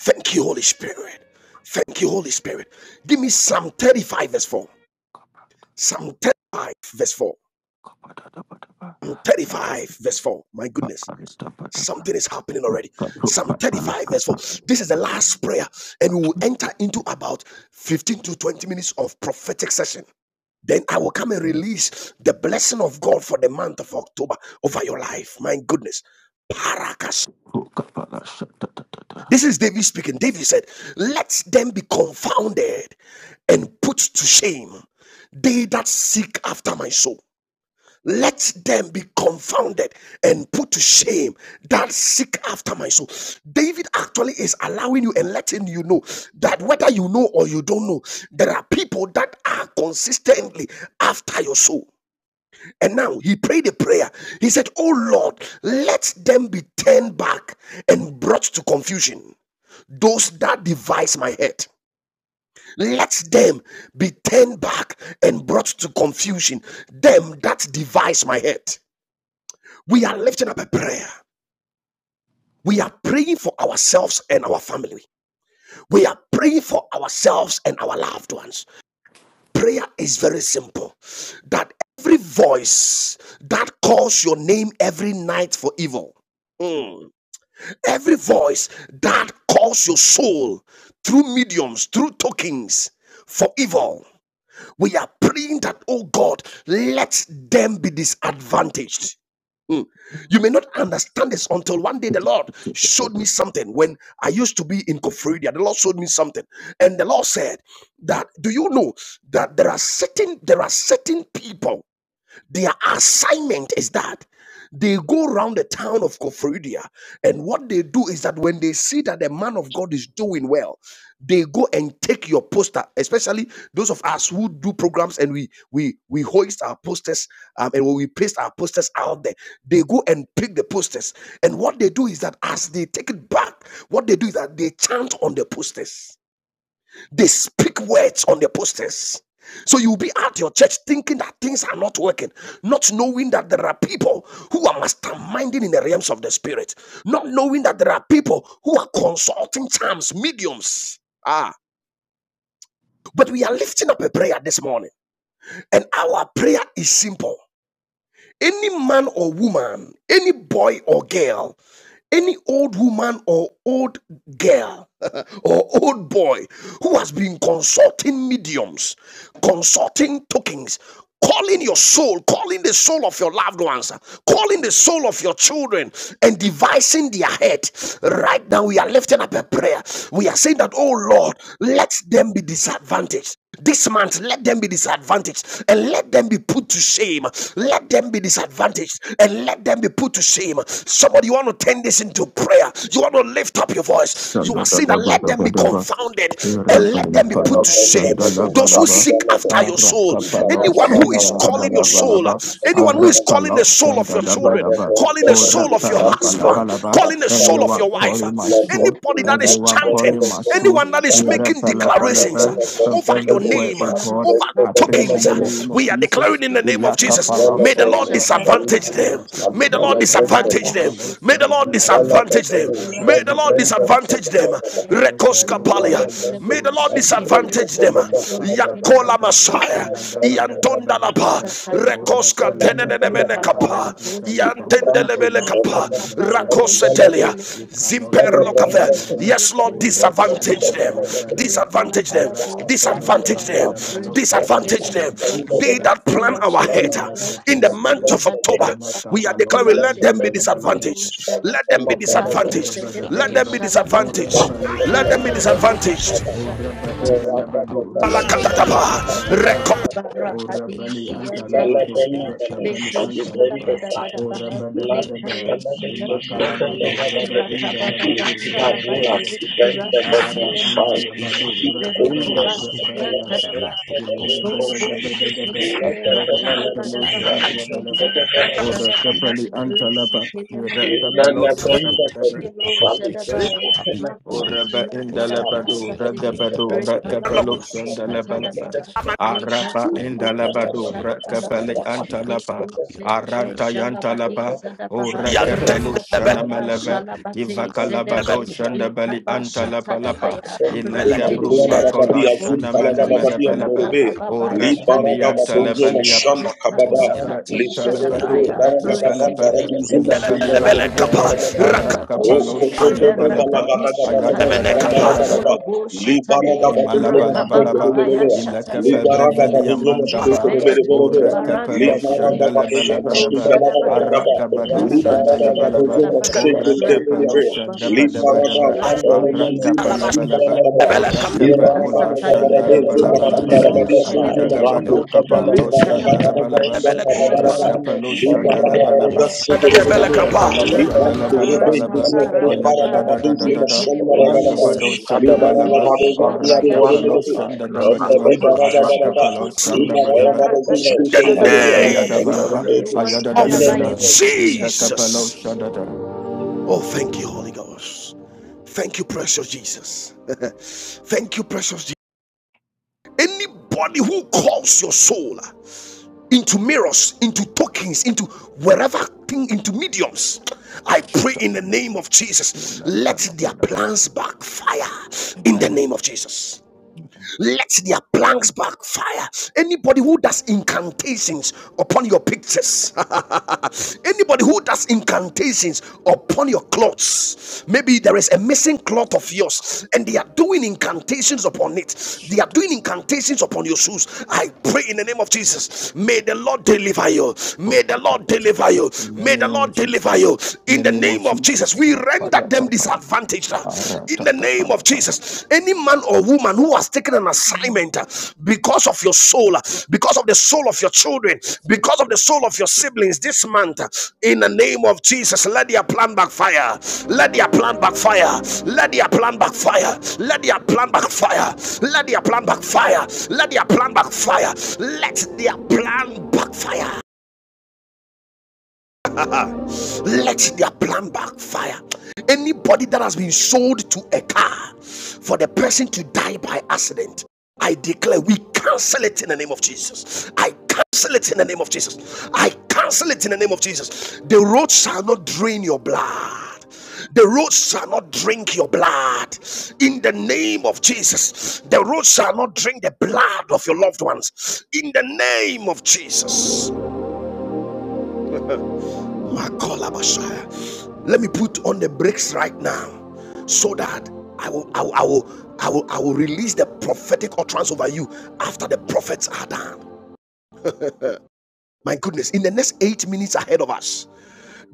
Thank you, Holy Spirit. Thank you, Holy Spirit. Give me Psalm 35, verse 4. Psalm 35, verse 4. Psalm 35, verse 4. My goodness. Something is happening already. Psalm 35, verse 4. This is the last prayer, and we will enter into about 15 to 20 minutes of prophetic session. Then I will come and release the blessing of God for the month of October over your life. My goodness. Paraka This is David speaking. David said, Let them be confounded and put to shame, they that seek after my soul. Let them be confounded and put to shame that seek after my soul. David actually is allowing you and letting you know that whether you know or you don't know, there are people that are consistently after your soul. And now he prayed a prayer. He said, Oh Lord, let them be turned back and brought to confusion those that devise my head. Let them be turned back and brought to confusion, them that devise my head. We are lifting up a prayer. We are praying for ourselves and our family. We are praying for ourselves and our loved ones. Prayer is very simple that every voice that calls your name every night for evil, Mm. Every voice that calls your soul through mediums, through tokens for evil, We are praying that, oh God, let them be disadvantaged. Mm. You may not understand this until one day the Lord showed me something. When I used to be in Kofridia, the Lord showed me something, and the Lord said that, "Do you know that there are certain there are certain people their assignment is that they go around the town of Cophrydia, and what they do is that when they see that the man of God is doing well, they go and take your poster, especially those of us who do programs and we we we hoist our posters um, and we paste our posters out there. They go and pick the posters, and what they do is that as they take it back, what they do is that they chant on the posters. They speak words on the posters. So you'll be at your church thinking that things are not working, not knowing that there are people who are masterminding in the realms of the spirit, not knowing that there are people who are consulting charms, mediums. Ah, but we are lifting up a prayer this morning, and our prayer is simple. Any man or woman, any boy or girl, any old woman or old girl or old boy who has been consulting mediums, consulting tokens, calling your soul, calling the soul of your loved ones, calling the soul of your children, and devising their head. Right now, we are lifting up a prayer. We are saying that, oh Lord, let them be disadvantaged. This month, let them be disadvantaged and let them be put to shame. Let them be disadvantaged and let them be put to shame. Somebody, you want to turn this into prayer. You want to lift up your voice. You are saying that let them be Amen. confounded Mikala and let them be Thank put Irapalapalo to shame. Those who shandalabalaba. seek after your soul, Arapapalo anyone who is calling your soul, shandalabalabalaba. anyone who is calling Arapalo the soul of your children, shandadabadaba. calling the soul of your husband, Orapalapalabalaba. calling the soul of of Anyone your wife, uh, calling my soul, anybody that is everyone chanting, calling my soul. anyone that is making declarations Irapalapalapa. uh, From over your everywhere, name, uh, O God, over the I pray in tokens, the uh, name of we are Jesus. declaring in the name of Jesus. Ilakapalo May the Lord shandabababa. disadvantage them. May the Lord Arapalabalaba. We disadvantage them. Bushi, follow May the Lord shandabababa. Bibahasati, disadvantage We them. May the Rakaba Lord Baba disadvantage them. Satara and Anywhere, oh God, Rekoskapalia. Rekele and my bele May soul the is Lord boşe you, Paul. ketele disadvantage them. bara. uh, you. Rekele Yakola bele Ilakadabadaba, Thank boşe Messiah. da bara. ilakadabadabadabadaba, Satana Iantondalapa. O Koska Bushi, repelapa, tenenemene Rekabada kapa imakale, antalapa, Bushadabaha, O yantendelebele kapa Rakapatala Bushi, laustandabalabalaba, rakosetelia Kilibaha, zimperlo kafe. ikalostandabalaba, Rekelebusu, Yes, Lord, O reba disadvantage them, Telemoshadabaya, indabalabalaba, disadvantage them, Rekalabada Bushi, Arakapalo, disadvantage Kata, them, Yakupon Chandalabalo, Resu disadvantage them. Caprantapa, O They Telematoshi, that plan retapa, our head uh, Rakosia, in the month ilakapelekete, of October, Tulubushadabata, we are imakapalo, declaring, and let the them be Rasitele balabalaba, disadvantaged, Bedebusha, let them be Ora ba Ikado you. ba disadvantaged, ba da ba let da Sedebe, them be Ora Thank disadvantaged, Shalabadabaha, pa le let them anta that be la pa disadvantaged. Rekelebusha, Ora ba yet inda la Tabahasi, ba Rapapa do da ba such do Balakatatapa, luck ra Rekoshele yet Matu. anta. rekoperlo Ratapa Ora a pa le Katua anta la ba do Katuates, Barakadisiyantarabaya, ra ka pa le Rapapakasuata, anta la pa. Ratiata, Ora Lekeshadabadabadabaha, ba da ba Inkate da ba. Pabos, Imaka la ba Lekalosiyantadebe, do Lakulata, ba inda la ba do Rapapas, da ba da Rakabababashalabate, ba. Elatuas, Araba anda Isabuas, la ba Rasutelemakushe, do ra da ba Impamukabias, do ra Apamukabias, anta. Verukobasiyantadaba, Ila da ba Lapakoskas, da ba da ba da ba. Aluatapas, Ikoloboshitedebe, Ora pa pa Aluatapas, Ratadabadabaha, shanda la Latus ba la Kabias. ba. you. Lapos Ora ka pa Lekalabashadabaha, anta la ba. Kabias, Rapa La palo La la shanda Lesetelemahadolobosi, banda capiata, de bada la Sally capiata, Best la Eloshadabaya, of capiata, la capiata, Uraba la La Makusiyantadabaha capiata, indalabadu, Bishop la of Sate, capiata, ragabadu, la capiata, the la Phenomena, rakapalo, capiata, Shop la of the sandalabalapa. capiata, Rekalaboshikatadabaha, Phenomena, la Arapa capiata, la capiata, la La capiata, Bada Bada indalabadu, la capiata, Lekasondelebeshalabahasi, rakapale, Bada Bada la Bada antalapa. Bada Aranta yantalapa, lekusedebeshalabadisadaba, the devil urakapalo, is kamaniyantendele in capiata, la the shanamalava, capiata, details. la rakabababashalabatesedebe, It's ivakalabado, not capiata, shandabali, just about antalapalapa. the lekabashatadabaya, Lepatiatas, numbers. It's about the Ilekabru, apaliatakos, people. Kundarabadi makola, It's Azul rateshelebedebosete, apaliatakos, Palagabadi and about the shanamanamalapalapa. Dorobe, Li lacamitas, stories. Urakuli, It's about the connections. lacosalas, Baragabadonzo It's rakabababaya,talebeleboshe, antalabaliapa. about Mashanda Kabada, lacmantas, the impact. Ulabra eratias, Li It's about the Korobo intalabadu, mikandosatishadabaya, eratapakospa, Baragababanda rakapalapa. Raduzima lacuniatas, rekelebeleboshadaba, Ilavalivadava, lecumata, Kundarabada, O arakapalo, rekelematoshe, eratiatas, Kodobo shandabalapa. eratapakas, Balagabada Ayada verakatishatabe, da da da lacuniatas, da da da Sandalabada, Li mekoloboshatade, Baragabadonzo Imalaba, eratatakas, laba Mashake laba, de rakabababaya Verevea, shatade, lacuniatas, Li ilakape Lia brevelia Baragabadonzo lacumaliatas, Sunte de Mashake de mandaba, Be, Chili ora Verevea, lacasmiatas, Baranda capello legacy. It's about Li the Sate, eratapaluatas, shandala legacy. Baragabadonzo Deko Thank Mashake balabalaba, de ecamiatas, Shadabaha, ara Verevea, ecatapakos, gabado Li paliatas, shandala Kalabasia balaba, eratapakas, Baragabadonzo Tadabaha, Mashake ora de capello Rakaba Verevea, eratapakas, shandaba Baba Li daba daba, Shadabaha, Baragabanda ara Rikki Raduzima capala itapaluatas, Simba balaba. Kabada, Ora cape ola Asakadi In shandala Libaragadagabarade, Robodo balabalaba, Zumbakandarabadia, Boshele ayada Zumbakandia. gabado Bedebe capa lo Rentala shandala Bada balaba, Boshada Ora Libaragadagabaraba, Ara Imalabalabalaba, Badaba Ilakapebreveli Intelebele Amandaba, Boshede Orekapelo Shandalabalabalaba, Libaragabaragasididididia. Bedebe Arakabado Shandalabalaba, Orekapelo Shandabadabadaba, Arakapalabalaba, Orakape Ula Shandalabalabalaba, Ayadagabado Kapalo da, da, da, da. Rakaba Libandorobende, Shandalabalabalaba, Rakaba you. Rakaba Zekumbaragabadu, Ayadadadadadada, Mekele Zumbashandaragadaba. Randos Ayagabado Boshate Shandabalaba, Cabebendos Libaragabarade, Mandosi Sabia Arakapalo Zumbasididididia. Kabayashate Buandasai shanda daba Laso daba. Rendebedos Kama Libaragabaraba, Arakapalo Dolobosi shanda daba daba. Libaragabarade, Parakati Ifrendebelos The Zumbasididididia. Irabaya Shalabata name daba daba. Adibelebebebe Libandozo. Ayada da in da Infeluantada the the of da name name da. of of Bayebuko Jesus, Satada Indakapalo Jesus. Basha shada da. Oh, thank you, Holy Ghost. Thank you, precious Jesus. thank you, precious Jesus. Anybody who calls your soul into mirrors, into tokens, into wherever thing, into mediums. I pray Shut up, in the man. name of Jesus, Amen. let their plans backfire in the Amen. name of Jesus. Let their planks backfire. Anybody who does incantations upon your pictures, anybody who does incantations upon your clothes, maybe there is a missing cloth of yours and they are doing incantations upon it, they are Shut up. doing incantations upon your shoes. I pray in the name of Jesus, may the Lord deliver you, Oh, may the Lord Pakayata. deliver you, In the may the name of Lord deliver Jesus. you In in the the name of name of Jesus. Jesus. We rest render them Yapayata palapa. disadvantaged uh, in the Aratata name of palapa. Jesus. Any man or woman who has taken an assignment uh, because of your soul, uh, because of the soul of your children, because of the soul of your siblings this month, uh, in the name of Jesus, let their plan backfire. Let their plan backfire. Let their plan backfire. Let their plan backfire. Let their plan backfire. Let their plan backfire. Let their plan backfire let their plan backfire. Anybody that has been sold to a car for the person to die by accident, I declare we cancel it in the name of Jesus. I cancel it in the name of Jesus. I cancel it in the name of Jesus. The road shall not drain your blood. The road shall not drink your blood. In the name of Jesus, the road shall not drink the blood of your loved ones. In the name of Jesus. Makola Messiah. Let me put on the brakes right now so that I will, I will, I will, I will, I will release the prophetic utterance over you after the prophets are done. My goodness, in the next eight minutes ahead of us,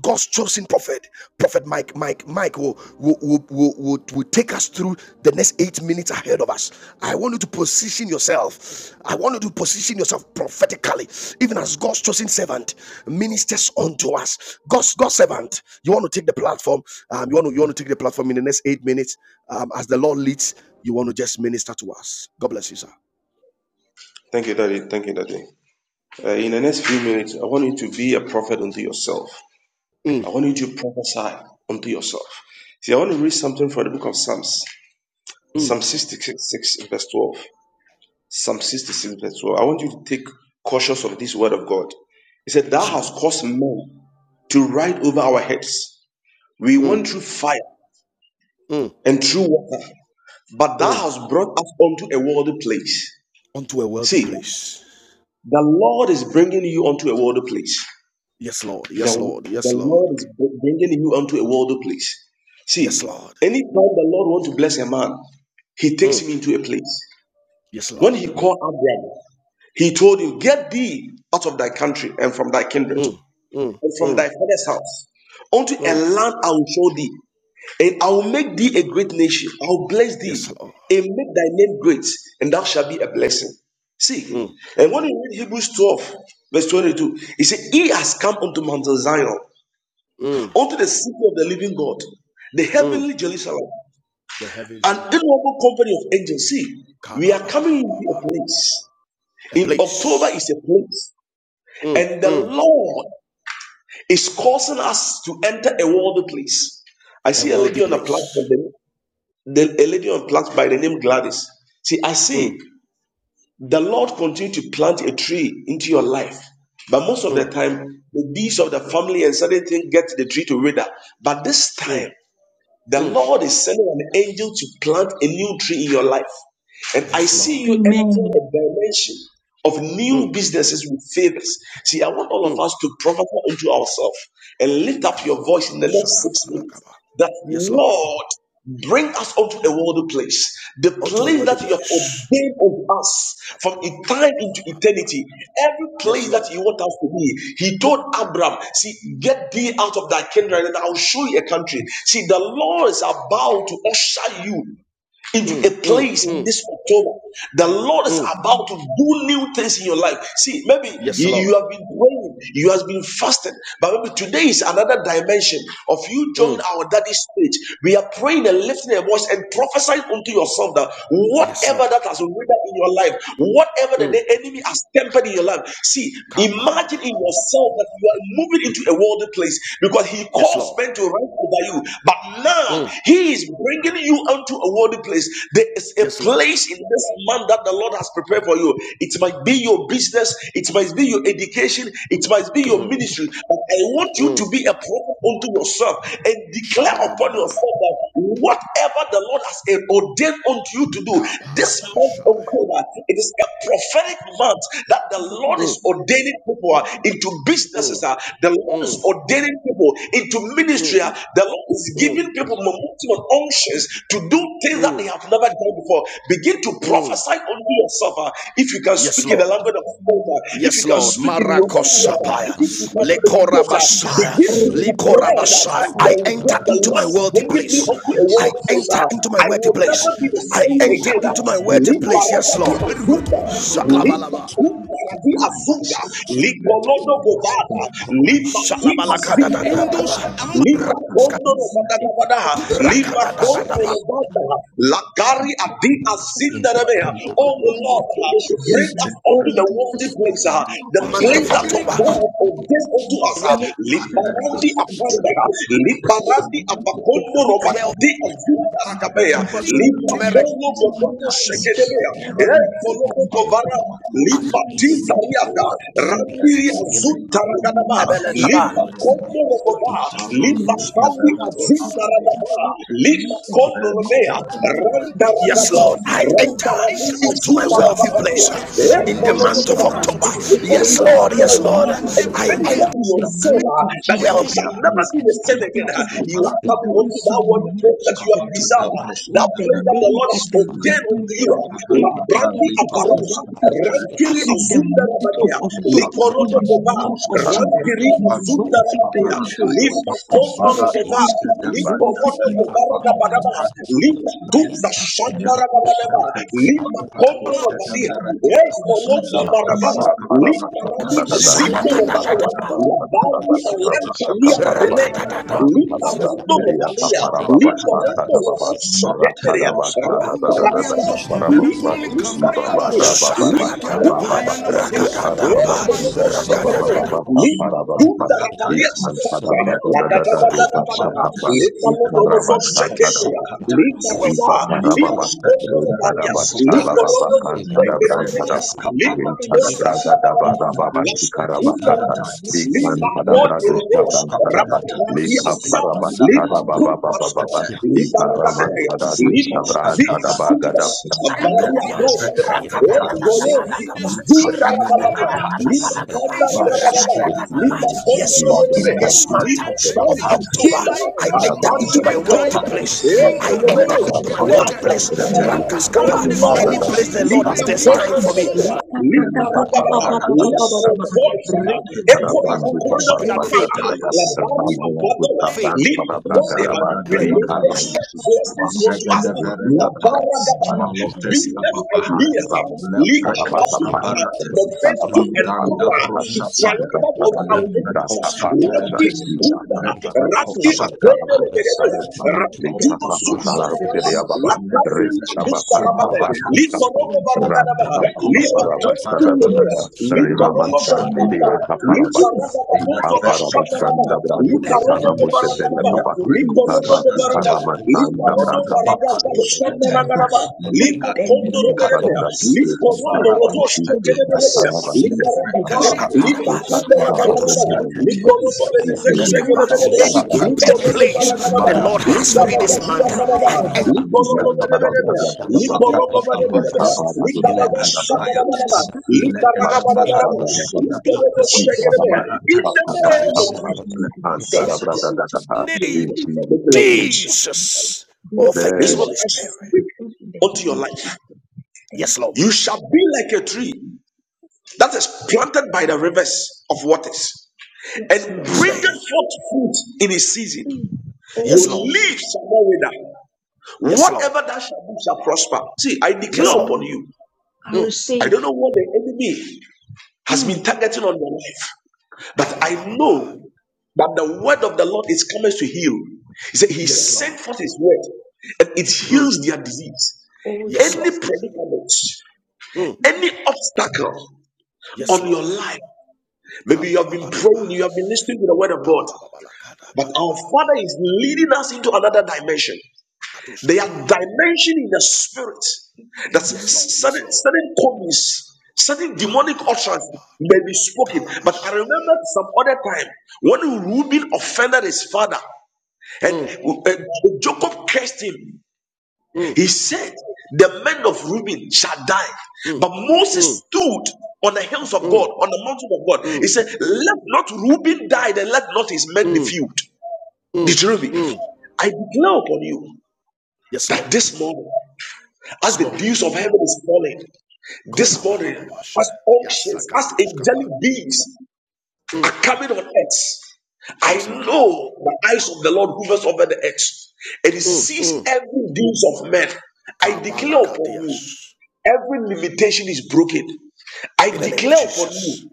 God's chosen prophet, Prophet Mike, Mike, Mike will, will, will, will, will, take us through the next eight minutes ahead of us. I want you to position yourself. I want you to position yourself prophetically, even as God's chosen servant ministers unto us. God's God's servant. You want to take the platform. Um, you want to you want to take the platform in the next eight minutes. Um, as the Lord leads, you want to just minister to us. God bless you, sir. Thank you, Daddy. Thank you, Daddy. Uh, in the next few minutes, I want you to be a prophet unto yourself. I Mm, want you to prophesy unto yourself. See, I want to read something from the book of Psalms, mm, Psalm 66, verse 12. Psalm 66, verse 12. I want you to take cautious of this word of God. He said, Thou yes, Lord. hast caused men to ride over our heads. We Mm, went through fire mm, and through water, but thou mm. hast brought us unto a worldly place. Unto a wealthy See, the place. Lord is bringing you unto a worldly place. Yes, Lord. The, the Yes, Lord. Yes, Lord. Lord is bringing you unto a worldly place. Yes, See, Lord. anytime the Lord wants to bless a man, He takes Mm. him into a place. Yes, When Lord. he called Abraham, he told him, Get thee out of thy country and from thy kindred Mm. Mm. and from thy Mm. father's house unto a Mm. land I will show thee, and I will make thee a great nation. I will bless thee Yes, Lord. and make thy name great, and thou shalt be a blessing. See, Mm. and when you read Hebrews 12, verse 22, it says, He has come unto Mount Zion, Mm. unto the city of the living God, the Mm. heavenly Jerusalem, The heavens an Jerusalem. innumerable company of angels. See, ka we are coming into a place. A In October place. is a place, Mm. and the Mm. Lord is causing us to enter a worldly place. I A see a wealthy lady on the platform, place. the, a lady on the platform by the name Gladys. See, I see Mm. the Lord continue to plant a tree into your life, but most of the Mm. time, the deeds of the family and certain things get the tree to wither. But this Mm. time, The Mm. Lord is sending an angel to plant a new tree in your life. And I Yes, see Lord. you entering Amen. a dimension of new Mm. businesses with favors. See, I want all Mm. of us to prophesy into ourselves and lift up your voice in the next six minutes that Yes, Lord. Lord, bring us unto a worldly place, the Unto a place worthy that you have place. ordained of us from e- time into ba la eternity, every Yes, place Lord. that you want us to be. He told Abram, See, get thee out of thy kindred, and I'll show you a country. See, the Lord is about to usher you into Mm. a Mm. place in Mm. this October. The Lord is Mm. about to do new things in your life. See, maybe Yes, you, you Lord. have been praying, you have been fasting, but maybe today is another dimension of you joining Mm. our daddy's stage. We are praying and lifting a voice and prophesying unto yourself that Yes, whatever Lord. that has withered in your life, whatever that Mm. the enemy has tempered in your life, see, imagine in yourself that you are moving into a worldly place because he Yes, calls Lord. men to righteousness over you. But now Mm. He is bringing you unto a worthy place. There is a Yes, Lord. place in this month that the Lord has prepared for you. It might be your business, it might be your education, it might be your Mm. ministry. But I want you to Mm. be a prophet unto yourself and declare upon Shabababa. yourself that whatever the Lord has ordained unto you to do, this Kapalaba month of shai. God, it is a prophetic month that the Lord is Mm. ordaining people into into businesses. Mm. ah. The Lord is Mm. ordaining people into ministry. Mm. ah. The Lord is Mm. giving people momentum and unctions to do things that they Mm. have never done before. Begin to Mm. prophesy unto yourself. ah. If you can Yes, speak in the Lord. language of faith, ah, if you Yes, can Lord. speak in your own words, ah, if Marakosapaya. you can meditate, ah, Lekorabashaya. begin to declare that Likorabashaya. the, I enter the into my Lord is wealthy bringing me place. unto a world I place. enter ah. into my I wealthy will place. never be the I same enter again. ah. into my wealthy Live place. I'm Yes, be Lord. a Lipa Thank Shalabalaba. ukaradi azuga, lipa lodo gobada, lipa ti azika Shalabalakadadadadaba. lipa kondo no bada gabada, lipa kondo Rakadadadadaba. no bada, lagari adi azinda rebeha. Oh Lord, Bring us unto the worthy place, ah, the month place of that October. God hast ordained unto us. ah. Well, Libarandi you. apanda, ah, Libarandi and abakondo Nakuyata, well, romakati and azuta rakabea, Raskadwata, but Libakondo Lakuakata, kokondo and shekedebea, Takuyata, Eh, koloko kovara, Lakabu, In Libatiza riada, Sapakatus, Randiri Yatas, azuta rakadaba, Yakuata, in Libakondo rokova, Alaskakata, Lakuta, Libakandi Kasupa, azuta Yash, rakadaba, Rasku, Libakondo in robea, Ranta Yes, rakadaba, Lord, I Ranta enter ragu into a azuta wealthy rakabadea, place we Eh, in the enter month into of my October. wealthy Speak unto Yes, your place Lord, in yes, spirit the Lord, ah, month of and I October enter meditate in in your the soul name ah, of that you Jesus. wealth. shall I never be the same enter again. ah. into my You are wealthy coming unto place that in the worthy month place that of you have October desired, Yes, ah. that in the place that the name Lord of has the Lord ordained unto you. Jesus. ah. I enter Labrandi into my Avaruha, wealthy place Rantiri in the Azunda month of Rabadea, October Likorodo in the Gova, name of Jesus. Rantiri My Azunda wealthy Rabadea, place, oh God. lipa kondo I enter rogova into my lipa Kadibadi wealthy moto place gobaraga in the baraba month of lipa October. tunza My wealthy shandaraga place. baraba lipa oh kondo in rogadia the name e of kolondo Jesus, baraga make Shandabaka the break lipa to be Parabashanda rabi the Dada deal to azipo Thank Zalakadadadadadadada. robaya the Iparabasa people in wabali Kadabada the alanta book Rabshaka liya and Paraba peleka Man the world. will lipa make Kadabran a rondo difference Pediaka rogalia And we you. can lipa Parababashma go to the world. Thank Kadababas rondo sekenderia, Rakadabasha rata Dada rabata, Dada Parababa lima lima Ibaba rabadea, Rababa lima kunda Shababa rabadea, eko Iparababashan lego sekenderia, Kadababa lima Parababa dunda rabalia Ikan tada tsatsatsa, tada la da tada da tada da da da riba da da, shaka pa lima lodolo zo ikaraba sekenderia, lima raba, lima Ipaparababa, you. odo baria, Rutaraba, La lima consulta Shalababa, lodolo e la consulta sekenderia, Kantadabrantadaba, sta Linda There was e nothing copano that in conta you Rintadabragadaba, capo e la Shikarabakata, costa can la Linda do. pura conta ele storia a vê Ikantadabragushabrantadaba, paura costa Raparati e la azaba costa via Linda a la capa Likaparabastadababababa, culpa la Linda tutta nada capia ganha la tutta Linda in zica salva chuta A Iparamantaradushabrantadabagadababa, il tutto varia conta capia e la tutta Ei, a golô Fica paluata zuta la, costa la Ragabaria tutta Linda via e la conta super via Ragabaria e Linda Ibarabagadadarimotum. conta Yes, la Lord, in Ragabaria sabbia this month a Linda paura of causa e la October, chuta costa I A enter into my varia wealthy la, paura Thank place. Eh, I enter into my wealthy place. Oh Rakaskapa, e la Lord, any place the Lord lift has up destined for me. lift up let your you. voice uh, Represent echo the in the court Parabrandu of corridors of Without daily Parabata faith, power. Daba Labari Ramanaya Abadona, faith, Gutavan lift Parabraga up, Daba Lord, place. release we the thank Vikaraman you shed for the Sukanwa blessings unto us. Lord, in the Rukadaba name of Lack Labara Gabara, Jesus, I business Parabstani decree ideas, and declare, Ikram uh, I lift come Tapanavata up Pan against the every Rukadaba mental and spirit, power Paramacha to every triumph devil, Rukadaba over our Kudra every enemies. family, Tapanamacha Randy the Akunda, Vijaka devils Randy of Paramastaman Akunda, Parabroka that Tayosa created that Rakadino Lekata even Sukara what of is Zushabara, created Piria Baba in the Lakadini Thank mind, Rikaba Akunda what are Rabane, pulling Lipa Tavata Rogo Rabba on Baragana, them, Lipa Lord, Kondo to Rebelea, Lipa in the name of Jesus Litarabababozobashabaraba, and empty Litarobobobarabaraba, their relations Litorobobobaraba, today in my life forever. Litarobobarababashabaraba, In the name of Litakondoroberebea, Jesus, for God, they have gone Likorondorozoshekereberebea, father, you. for the God of father, Likarababa, the they have done wonderful, they do Any nothing again. prepared I place stop the Lord them has for me with the this month, blood of I Jesus. I stop them by the in blood of Jesus. Take away the ignorance. Come name of The spirit of God will enter. raise up Jesus' one that name. Jesus. doesn't know. Jesus. The Oh, thank This is you, what operation Holy I Spirit. you speak are doing in the unto your name of life. Jesus. Thank Yes, you. You Lord. shall be like a tree that is planted by the rivers of waters Yes, and Lord His Jesus. name. bringeth forth fruit in his season. Mm. Oh, Your Yes, Lord. Jesus. leaves shall not wither. Yes, Lord. Whatever that shall do shall prosper. See, I Yes, declare upon Lord. Amen. you. I Mm. I receive. don't know what the enemy has been Mm. targeting on your life, but I Kabababa. know that the word of the Lord is coming to heal. He said, He Yes. Yes, sent Lord. forth His word, and it Mm. heals their disease. Oh, Yes, Any Lord. Jesus. predicament, Mm. Mm, any obstacle Yes, mm. on your Lord. life, maybe you have been praying, Kababalaba. you have been listening to the word of God, Kabababala. but our Kadabalabalaba. Father is leading us into another dimension. They are Kaduskaba. dimension in the spirit In that the Yes, name. Lord. Yes, certain Lord. certain copies, certain demonic utterance Parakoskapa. may be spoken. But I Kalabashaya. remember some other time when Reuben offended his father and Mm. uh, Jacob cursed him. Mm. He said, The men of Reuben shall die. Mm. But Moses Mm. stood on the hills of God, Mm. on the mountain of God. He Mm. said, Let not Reuben die, and let not his men be Mm. filled. Mm. Deuteronomy, Mm. I declare upon you Yes, that Lord. this morning. as This the morning. dews of heaven is falling this Kola ba ba morning, ba ba sha. as unctions, as Yasakados kapa. angelic beings are Mm. coming on earth, I Yes, Lord. know the eyes of the Lord hovers over the earth, and He Mm, sees mm. every deeds of men. I Kabala declare upon you, kadias. every limitation is broken. I In the name of declare upon Jesus. you,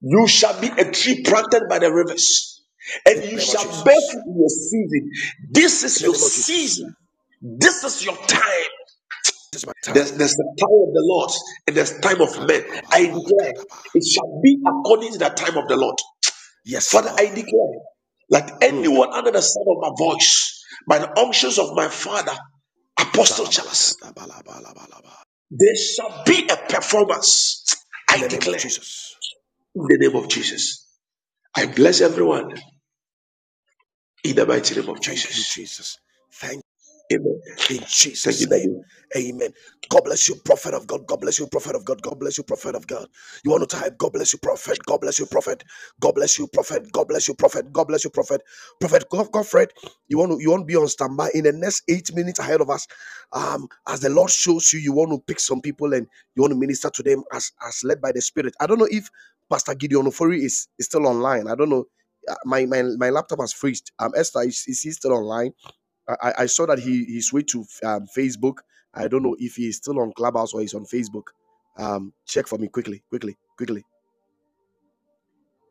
you shall be a tree planted by the rivers, In and you the name of shall bear Jesus. fruit in your season. This is In your the name of Jesus. season. This is your time. This is my There's, time. there's the power of the Lord and there's time of men. Kababa, bala, bala, I la declare it shall be according to the time of the Lord. Yes, Father, I Lord. declare that Mm. anyone under the sound of my voice, by the unctions of my father, Apostle Shala ba la Charles, bala, bala, la there shall be a performance. In I the name of declare Jesus. in the name of Jesus. I bless everyone in the mighty name of Thank you, Jesus. Jesus. Thank. Amen. in Thank you, Jesus' name. Daddy. Amen. God bless you, prophet of God. God bless you, prophet of God. God bless you, prophet of God. You want to type, God bless you, prophet. God bless you, prophet. God bless you, prophet. God bless you, prophet. God bless you, prophet. Prophet God, Godfred, you want to you want to be on standby in the next eight minutes ahead of us. Um, as the Lord shows you, you want to pick some people and you want to minister to them as as led by the Spirit. I don't know if Pastor Gideon Ofori is is still online. I don't know. Uh, My my my laptop has freezed. Um, Esther is is he still online? I, I- saw that he he switched to um, Facebook. I don't know if he is still on Clubhouse or he's on Facebook. Um, check for me quickly, quickly, quickly.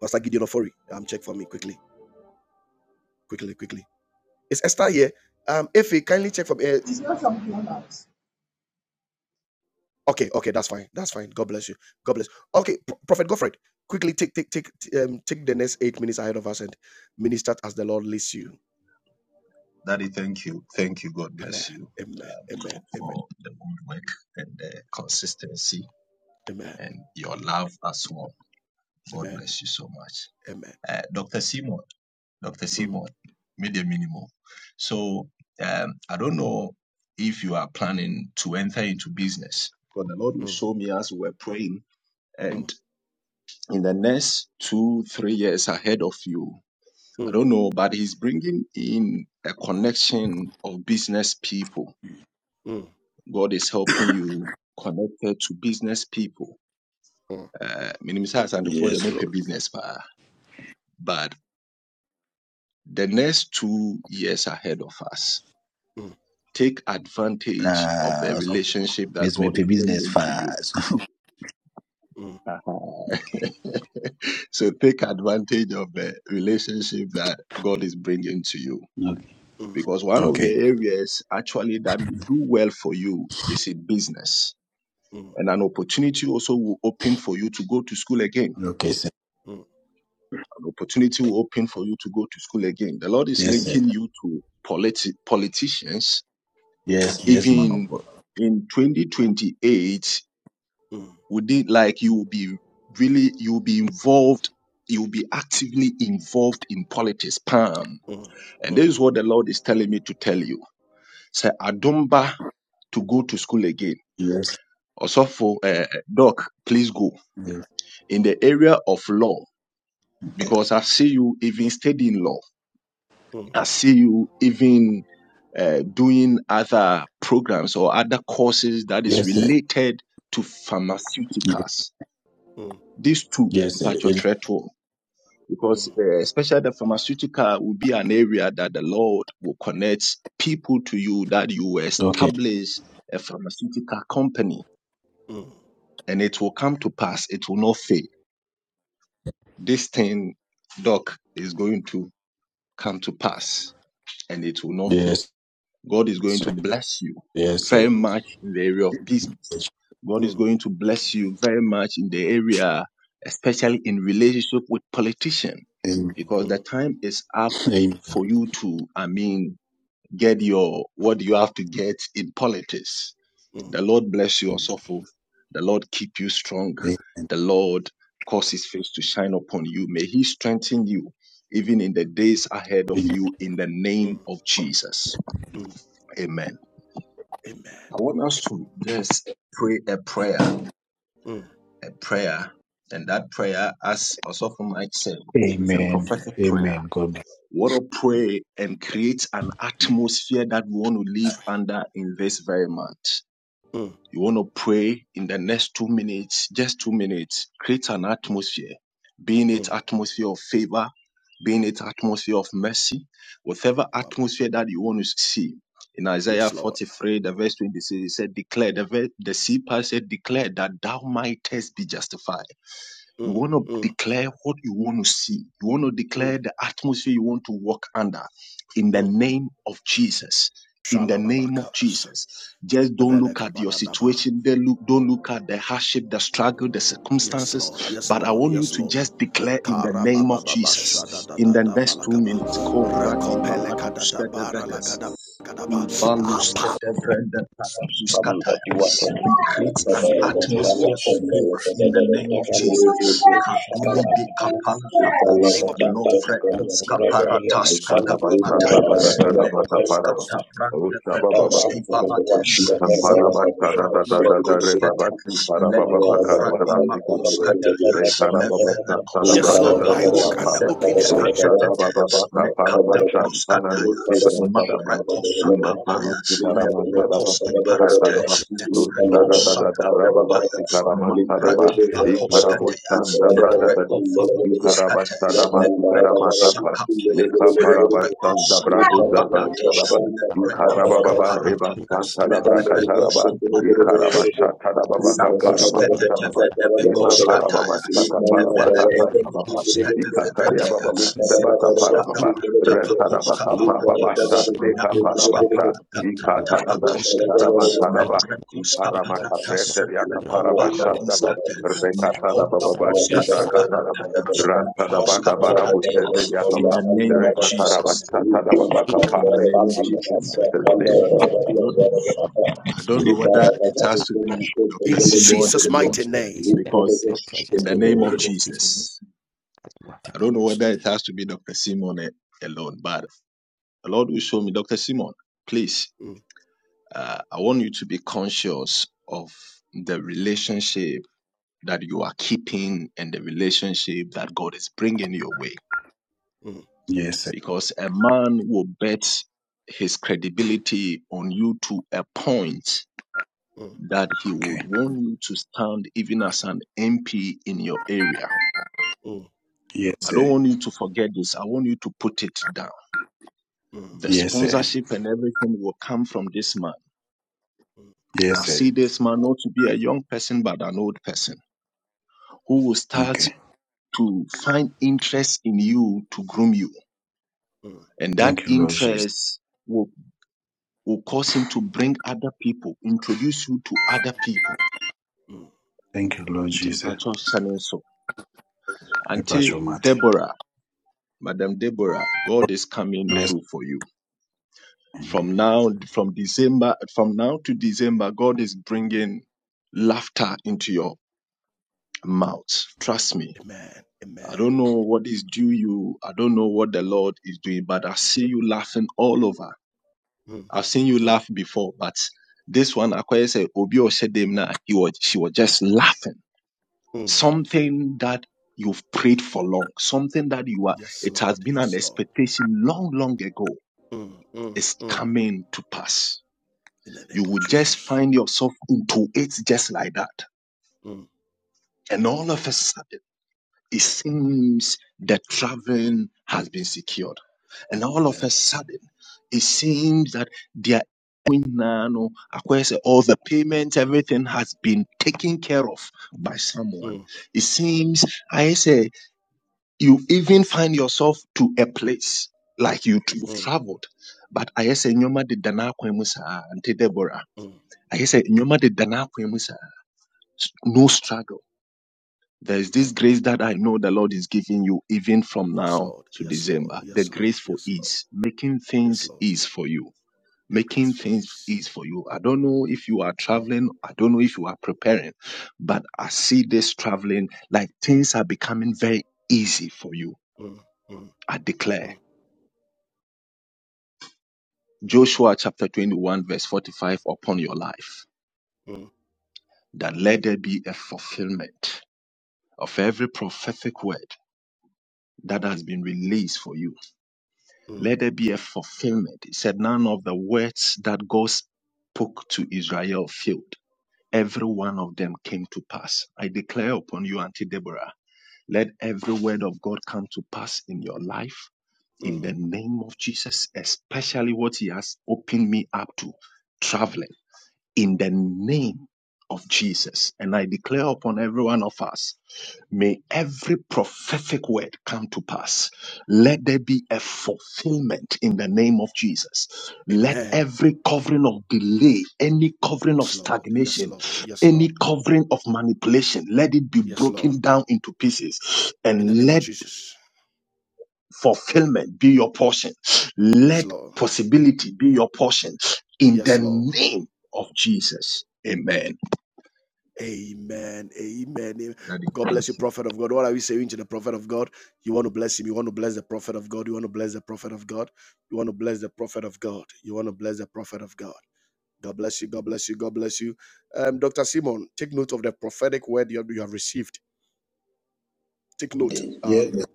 Pastor Gideon Ofori, um, check for me quickly, quickly, quickly. Is Esther here? Um, if he kindly check for me. eh, It's not something else. okay, okay, that's fine, that's fine. God bless you. God bless. Okay, Pro- Prophet Godfred, quickly take take take um take the next eight minutes ahead of us and minister as the Lord leads you. That is Amen. you uh, Amen. Amen. Amen. for work and uh, courtesy Amen. and your love as well. God Amen. bless you so much. Amen. Uh, Dr. Simon, Dr. Mm, Simon, made a minimum. So um, I don't know if you are planning to enter into business, but the Lord will mm, show me as we were praying. mm, And in the next two, three years ahead of you, I mm, don't know, but He's bringing in a connection of business people. mm, God is helping you connected to business people mm, Uh, Minim Science and for the Yes, Mope Lord. business, but the next two years ahead of us, mm. take advantage of the Ah, so relationship that Miss me God pay is business bringing to you. fast. mm. So take advantage of the relationship that God is bringing to you. okay. Mm, Because one of the Okay. areas actually that will do well for you is in business. mm, And an opportunity also will open for you to go to school again Okay, sir. mm, An opportunity will open for you to go to school again. The Lord is Yes, sir. linking you to politi- politicians. Yes, yes, man Even of God. in 2028, mm, would it like you will be really, you will be involved, you will be actively involved in politics, Pam. mm, mm, mm, And this is what the Lord is telling me to tell you. Say, Adumba to go to school again. Yes. Also for uh, Doc, please go Yes. in the area of law Okay. because I see you even studying law. mm, mm, I see you even uh, doing other programs or other courses that is Yes, sir. related to Yes, pharmaceuticals. mm, mm, These two, yes sir. Mpacho Yes. Treto, mm, because uh, especially the pharmaceutical will be an area that the Lord will connect people to you that you will Okay. establish a pharmaceutical company mm, and it will come to pass. It will not fail. This thing, Doc, is going to come to pass and it will not fail Yes, God is going to sir. bless you Yes, sir. very much in the area of business. God is going to bless you very much in the area, especially in relationship with politician, Amen. because mm, mm, the time is up Amen. for you to, I mean, get your what you have to get in politics. mm, The Lord bless you also for the Lord keep you strong. Amen. The Lord cause his face to shine upon you. May he strengthen you even in the days ahead of Amen. you in the name of Jesus. mm. Amen. Amen. I want us to just pray a prayer, Mm, a prayer, and that prayer, as also from Mike said, is a Amen. prophetic Amen. prayer. God bless. We want to pray and create an atmosphere that we want to live under in this very month. mm, You want to pray in the next two minutes, just two minutes, create an atmosphere, being it mm. atmosphere of favor, being it atmosphere of mercy, whatever atmosphere that you want to see. In Isaiah Yes, Lord. 43, the verse 26, it said, declare, the, ver- the sea said, declare that thou mightest be justified. You Mm, want to mm, declare what you want to see. You want to declare mm, the atmosphere you want to walk under in the mm. name of Jesus. In the name of Shalababakas. Jesus. Just don't look at your situation. Don't look, don't look at the hardship, the struggle, the Yes, circumstances. Lord. Yes, But I Lord. want you Yes, to Lord. just declare in the name of Karabababa Jesus. In the shadadadada next two balakaba. minutes, call Vladimir Rakopele Ladu Skedevehes. Jesus, come that you are the kind of fellow that the fellow Study Thank Amen. Parabas, Tada, Tada, that Tada, Rebabas, Shababala Parababa, Baka, Barabas, Parabas, Le Parababa, Tada, Yes, Brada, Lord, I Tada, walk under Papa, open heavens Ustada, baba Ikara Lekha parabastan da brago da brasta da Ikarababa reba santadabra kataraba. Ikaraba shatadababa kaparaba kataraba. Ima paraba ba shata paraba ta taraba baba ikakaria baba ba you. ba. ba Reta da parababa shataparaba katarababa. ba. masteba kaparababa. Retadaba kaparababa shatneka parabasha. Ikatanada shikaraba taraba. taraba Ikarama kapreteria kaparaba shandaba. Satada Basha Rekatarababa chibra kataraba. Satada Basha Rantadaba Satada gabarabu shezeria Basha kapa. Thank baba ka kapa. In Jesus' name. Thank you. in may you. the Jesus' mighty atmosphere name. is filled with your presence in the Libara name of Jesus. I don't know whether it has to be Dr. Simon eh, alone, but the Lord will show me. Dr. Simon, please. Mm, uh, I want you to be conscious of the relationship that you are keeping and the relationship that God is bringing your way. mm, Yes, sir. Because a man will bet his credibility on you to a point mm, that he Okay. would want you to stand even as an MP in your area. mm, Yes, I don't sir. want you to forget this. I want you to put it down. mm, The Yes, sir. sponsorship and everything will come from this man. mm, And I Yes, sir. see this man not to be a young person, but an old person who will start Okay. to find interest in you to groom you. mm, And that Thank you, Lord Jesus. interest will, will cause him to bring other people, introduce you to other people. mm. Thank you, Lord Nti Jesus. mpacho hyɛ Me pass your matter. Deborah, Madam Deborah, God is coming Bless. through for you. From now, from December, from now to December, God is bringing laughter into your mouth. Trust me. Amen. I Amen. don't know what is due you. I don't know what the Lord is doing, but I see you laughing all over. Mm, I've seen you mm, laugh before, but this one, Akoya said, Obi Oshedemna, he was, she was just laughing. mm. Something that you've prayed for long, something that you are, Yes, it Lord. has been an Yes, Lord. expectation long, long ago, Mm, mm, is mm. coming to pass. In the You name of will just Jesus. find yourself into it just like that. Mm, And all of a sudden, it seems the traveling has been secured. And all of a Amen. sudden, it seems that their nano all the payments, everything has been taken care of by someone. Mm, It seems I say you even find yourself to a place like you you've mm, traveled. But I say nyoma de dana kwemusa ante Deborah. mm, I say nyoma de dana kwemusa. No struggle there is this mm. grace that I know the Lord is giving you even from Yes, now Lord. to Yes, Lord. December. The Yes, Lord. grace for Yes, Lord. ease, making Yes, things Lord. ease for you. The grace Making for things ease. ease for you. I don't know if you are Mm, traveling. I don't know if you are preparing, but I see this traveling like things are becoming very easy for you. mm, mm, I declare mm, Joshua chapter 21 verse 45 upon your life mm, that let there be a fulfillment of every prophetic word that has been released for you. mm, Let there be a fulfillment. He said, None of the words that God spoke to Israel failed. Every one of them came to pass. I declare upon you, Auntie Deborah, let every word of God come to pass in your life in mm. the name of Jesus, especially what He has opened me up to traveling in the name of Jesus. And I declare upon every one of us, may every prophetic word come to pass. Let there be a fulfillment in the name of Jesus. Let Amen. every covering of delay, any covering of Yes, Lord. Yes, stagnation, Lord. Yes, Lord. any covering of manipulation, let it be Yes, Lord. broken down into pieces In the and name of let Jesus. fulfillment be your portion. Yes, Let Lord. possibility be your portion in Yes, the Lord. name of Jesus. Amen. Amen. Amen. God bless you, prophet of God. What are we saying to the prophet of God? You want to bless him. You want to bless the prophet of God. You want to bless the prophet of God. You want to bless the prophet of God. You want to bless the prophet of God. God bless you. God bless you. God bless you. Um, Dr. Simon, take note of the prophetic word you have, you have received. Take note. Yes, Um, Daddy.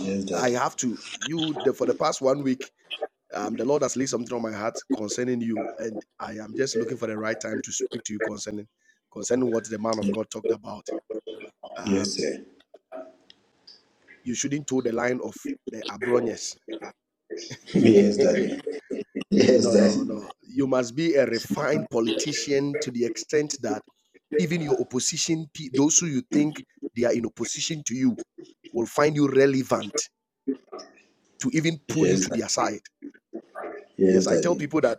Yes, I Daddy. have to, you, the, for the past one week, Um, the Lord has laid something on my heart concerning you, and I am just looking for the right time to speak to you concerning concerning what the man of God talked about. Yes, Um, sir. you shouldn't toe the line of the Abronyes. Yes, Daddy. Yes, no, no, Daddy. no. You must be a refined politician to the extent that even your opposition, pe- those who you think they are in opposition to you, will find you relevant to even pull you Yes, Daddy. to their side. Yes, Yes, I tell Daddy. people that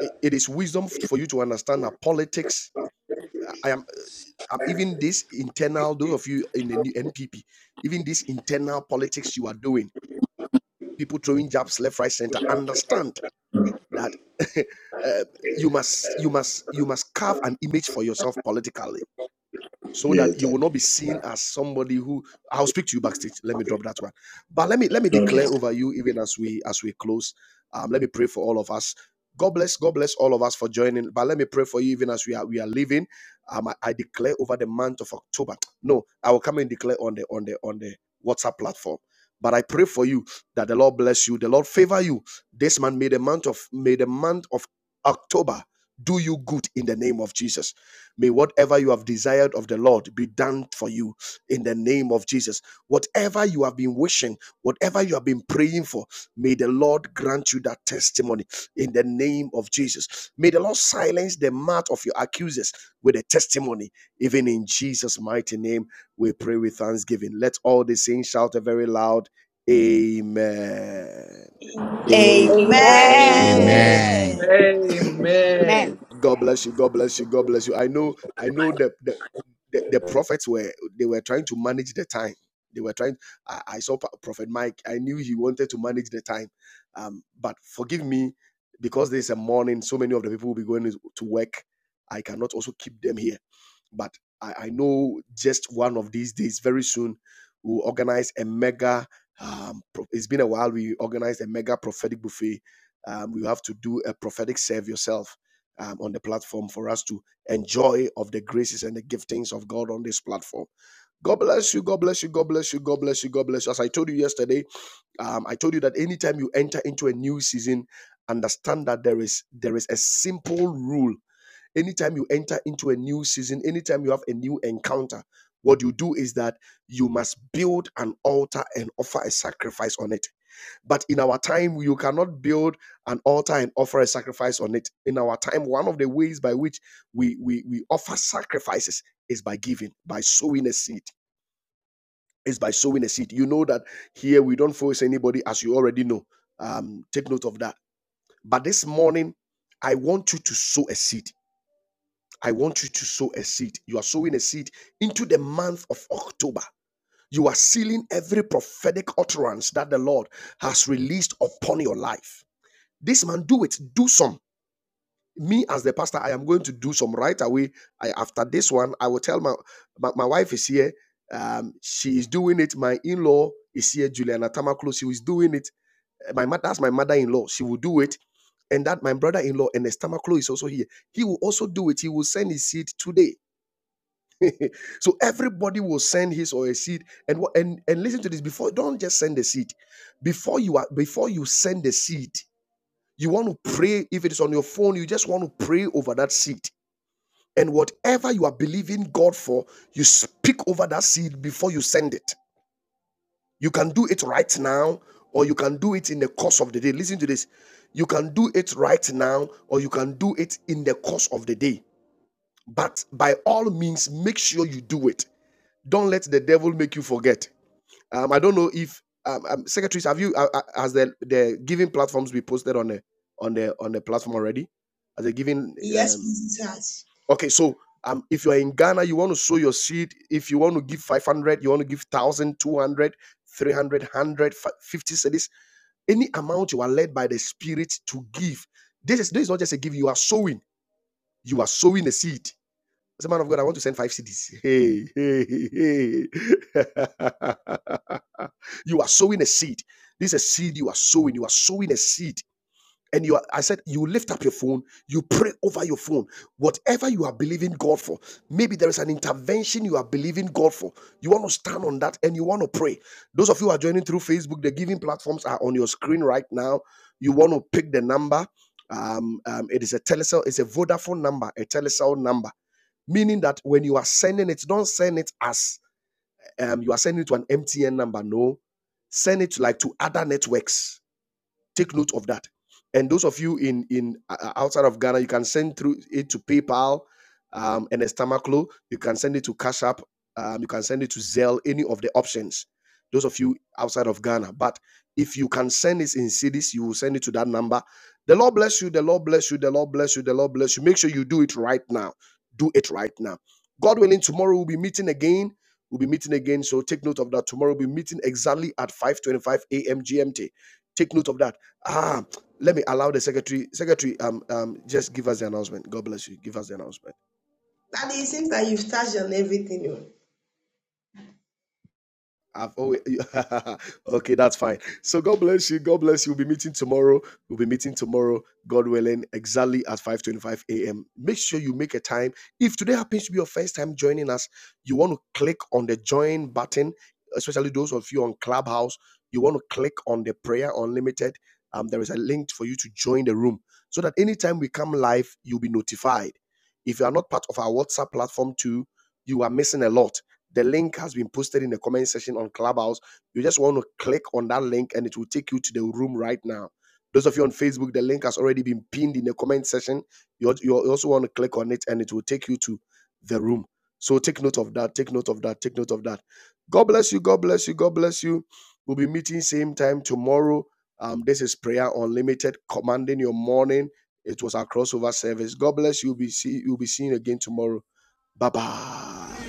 it it is wisdom f- for you to understand that politics. I I am. um, even this internal, those of you in the new NPP, even this internal politics you are doing, people throwing jabs left, right, center, understand that uh, you must, you must, you must carve an image for yourself politically so Yes, that you will Daddy. not be seen as somebody who I'll speak to you backstage. Let me drop that one. But let me let me Okay. declare over you even as we as we close. Um, let me pray for all of us. God bless, God bless all of us for joining. But let me pray for you even as we are we are leaving. Um, I, I declare over the month of October. No, I will come and declare on the on the on the WhatsApp platform. But I pray for you that the Lord bless you, the Lord favor you. This man made the month of may the month of October do you good in the name of Jesus. May whatever you have desired of the Lord be done for you in the name of Jesus. Whatever you have been wishing, whatever you have been praying for, may the Lord grant you that testimony in the name of Jesus. May the Lord silence the mouth of your accusers with a testimony, even in Jesus' mighty name. We pray with thanksgiving. Let all the saints shout a very loud Amen. Amen. Amen. Amen. Amen. Amen. Amen. Amen. Amen. God bless you. God bless you. God bless you. I know. I know that. the the, the prophets were they were trying to manage the time they were trying I, I saw prophet mike i knew he wanted to manage the time um but forgive me because there's a morning so many of the people will be going to work i cannot also keep them here but I, I know just one of these days, very soon, we'll organize a mega. Um, pro- it's been a while. We organized a mega prophetic buffet. Um, we have to do a prophetic serve yourself um, on the platform for us to enjoy of the graces and the giftings of God on this platform. God bless you. God bless you. God bless you. God bless you. God bless you. As I told you yesterday, um, I told you that anytime you enter into a new season, understand that there is there is a simple rule Anytime you enter into a new season, anytime you have a new encounter, what you do is that you must build an altar and offer a sacrifice on it. But in our time, you cannot build an altar and offer a sacrifice on it. In our time, one of the ways by which we we, we offer sacrifices is by giving, by sowing a seed. Is by sowing a seed. You know that here we don't force anybody, as you already know. Um, take note of that. But this morning, I want you to sow a seed. I want you to sow a seed. You are sowing a seed into the month of October. You are sealing every prophetic utterance that the Lord has released upon your life. This man, do it. Do some. Me, as the pastor, I am going to do some right away. I, after this one, I will tell my, my, my wife is here. Um, she is doing it. My in law is here, Juliana Tamaklo. She is doing it. Uh, My mother, that's my mother in law. She will do it. And that my brother in law, Ernest Tamaklo, is also here. He will also do it. He will send his seed today so everybody will send his or her seed and and and listen to this before don't just send the seed before you are before you send the seed you want to pray if it is on your phone you just want to pray over that seed and whatever you are believing god for you speak over that seed before you send it you can do it right now or you can do it in the course of the day listen to this you can do it right now or you can do it in the course of the day but by all means make sure you do it Don't let the devil make you forget. Um, I don't know if um, um, secretaries have you uh, uh, has the the giving platforms be posted on the on the on the platform already? As a giving, Yes, um, please touch. okay. So um, if you are in Ghana, you want to sow your seed. If you want to give five hundred, you want to give thousand, two hundred, three hundred, hundred fifty cedis, any amount you are led by the Spirit to give. This is this is not just a give. You are sowing. You are sowing a seed I said, man of God, I want to send five CDs. Hey, hey, hey, hey. you are sowing a seed. This is a seed you are sowing. You are sowing a seed and you are, I said you lift up your phone, you pray over your phone. Whatever you are believing God for, maybe there is an intervention you are believing God for. You want to stand on that and you want to pray. Those of you who are joining through Facebook, the giving platforms are on your screen right now. You want to pick the number. Um, um, it is a telecell, it's a Vodafone number, a telecell number, meaning that when you are sending it, don't send it as um, you are sending it to an MTN number. No, send it like to other networks Take note of that. And those of you in in uh, uh, outside of Ghana, you can send through it to PayPal um, and Estamaclo. You can send it to Cash App. Um, you can send it to Zelle. Any of the options. Those of you outside of Ghana, but if you can send it in cities, you will send it to that number. The Lord bless you. The Lord bless you. The Lord bless you. The Lord bless you. Make sure you do it right now. Do it right now. God willing, tomorrow we'll be meeting again we'll be meeting again. So take note of that. Tomorrow we'll be meeting exactly at 5:25 a.m. GMT. Take note of that. Ah, let me allow the secretary. Secretary, um, um, just give us the announcement. God bless you. Give us the announcement. Daddy, it seems that you've touched on everything. oh. I've always okay, that's fine. So God bless you. God bless you. We'll be meeting tomorrow. We'll be meeting tomorrow, God willing, exactly at 5:25 a.m. Make sure you make a time. If today happens to be your first time joining us, you want to click on the join button, especially those of you on Clubhouse. You want to click on the prayer unlimited. Um, there is a link for you to join the room so that anytime we come live, you'll be notified. If you are not part of our WhatsApp platform too, you are missing a lot the link has been posted in the comment section on Clubhouse. You just want to click on that link and it will take you to the room right now. Those of you on Facebook, the link has already been pinned in the comment section. You, you also want to click on it and it will take you to the room. So take note of that. Take note of that. Take note of that. God bless you. God bless you. God bless you. We'll be meeting same time tomorrow. Um, this is Prayer Unlimited, commanding your morning. It was our crossover service. God bless you. We'll be see, you'll be seeing again tomorrow. Bye bye.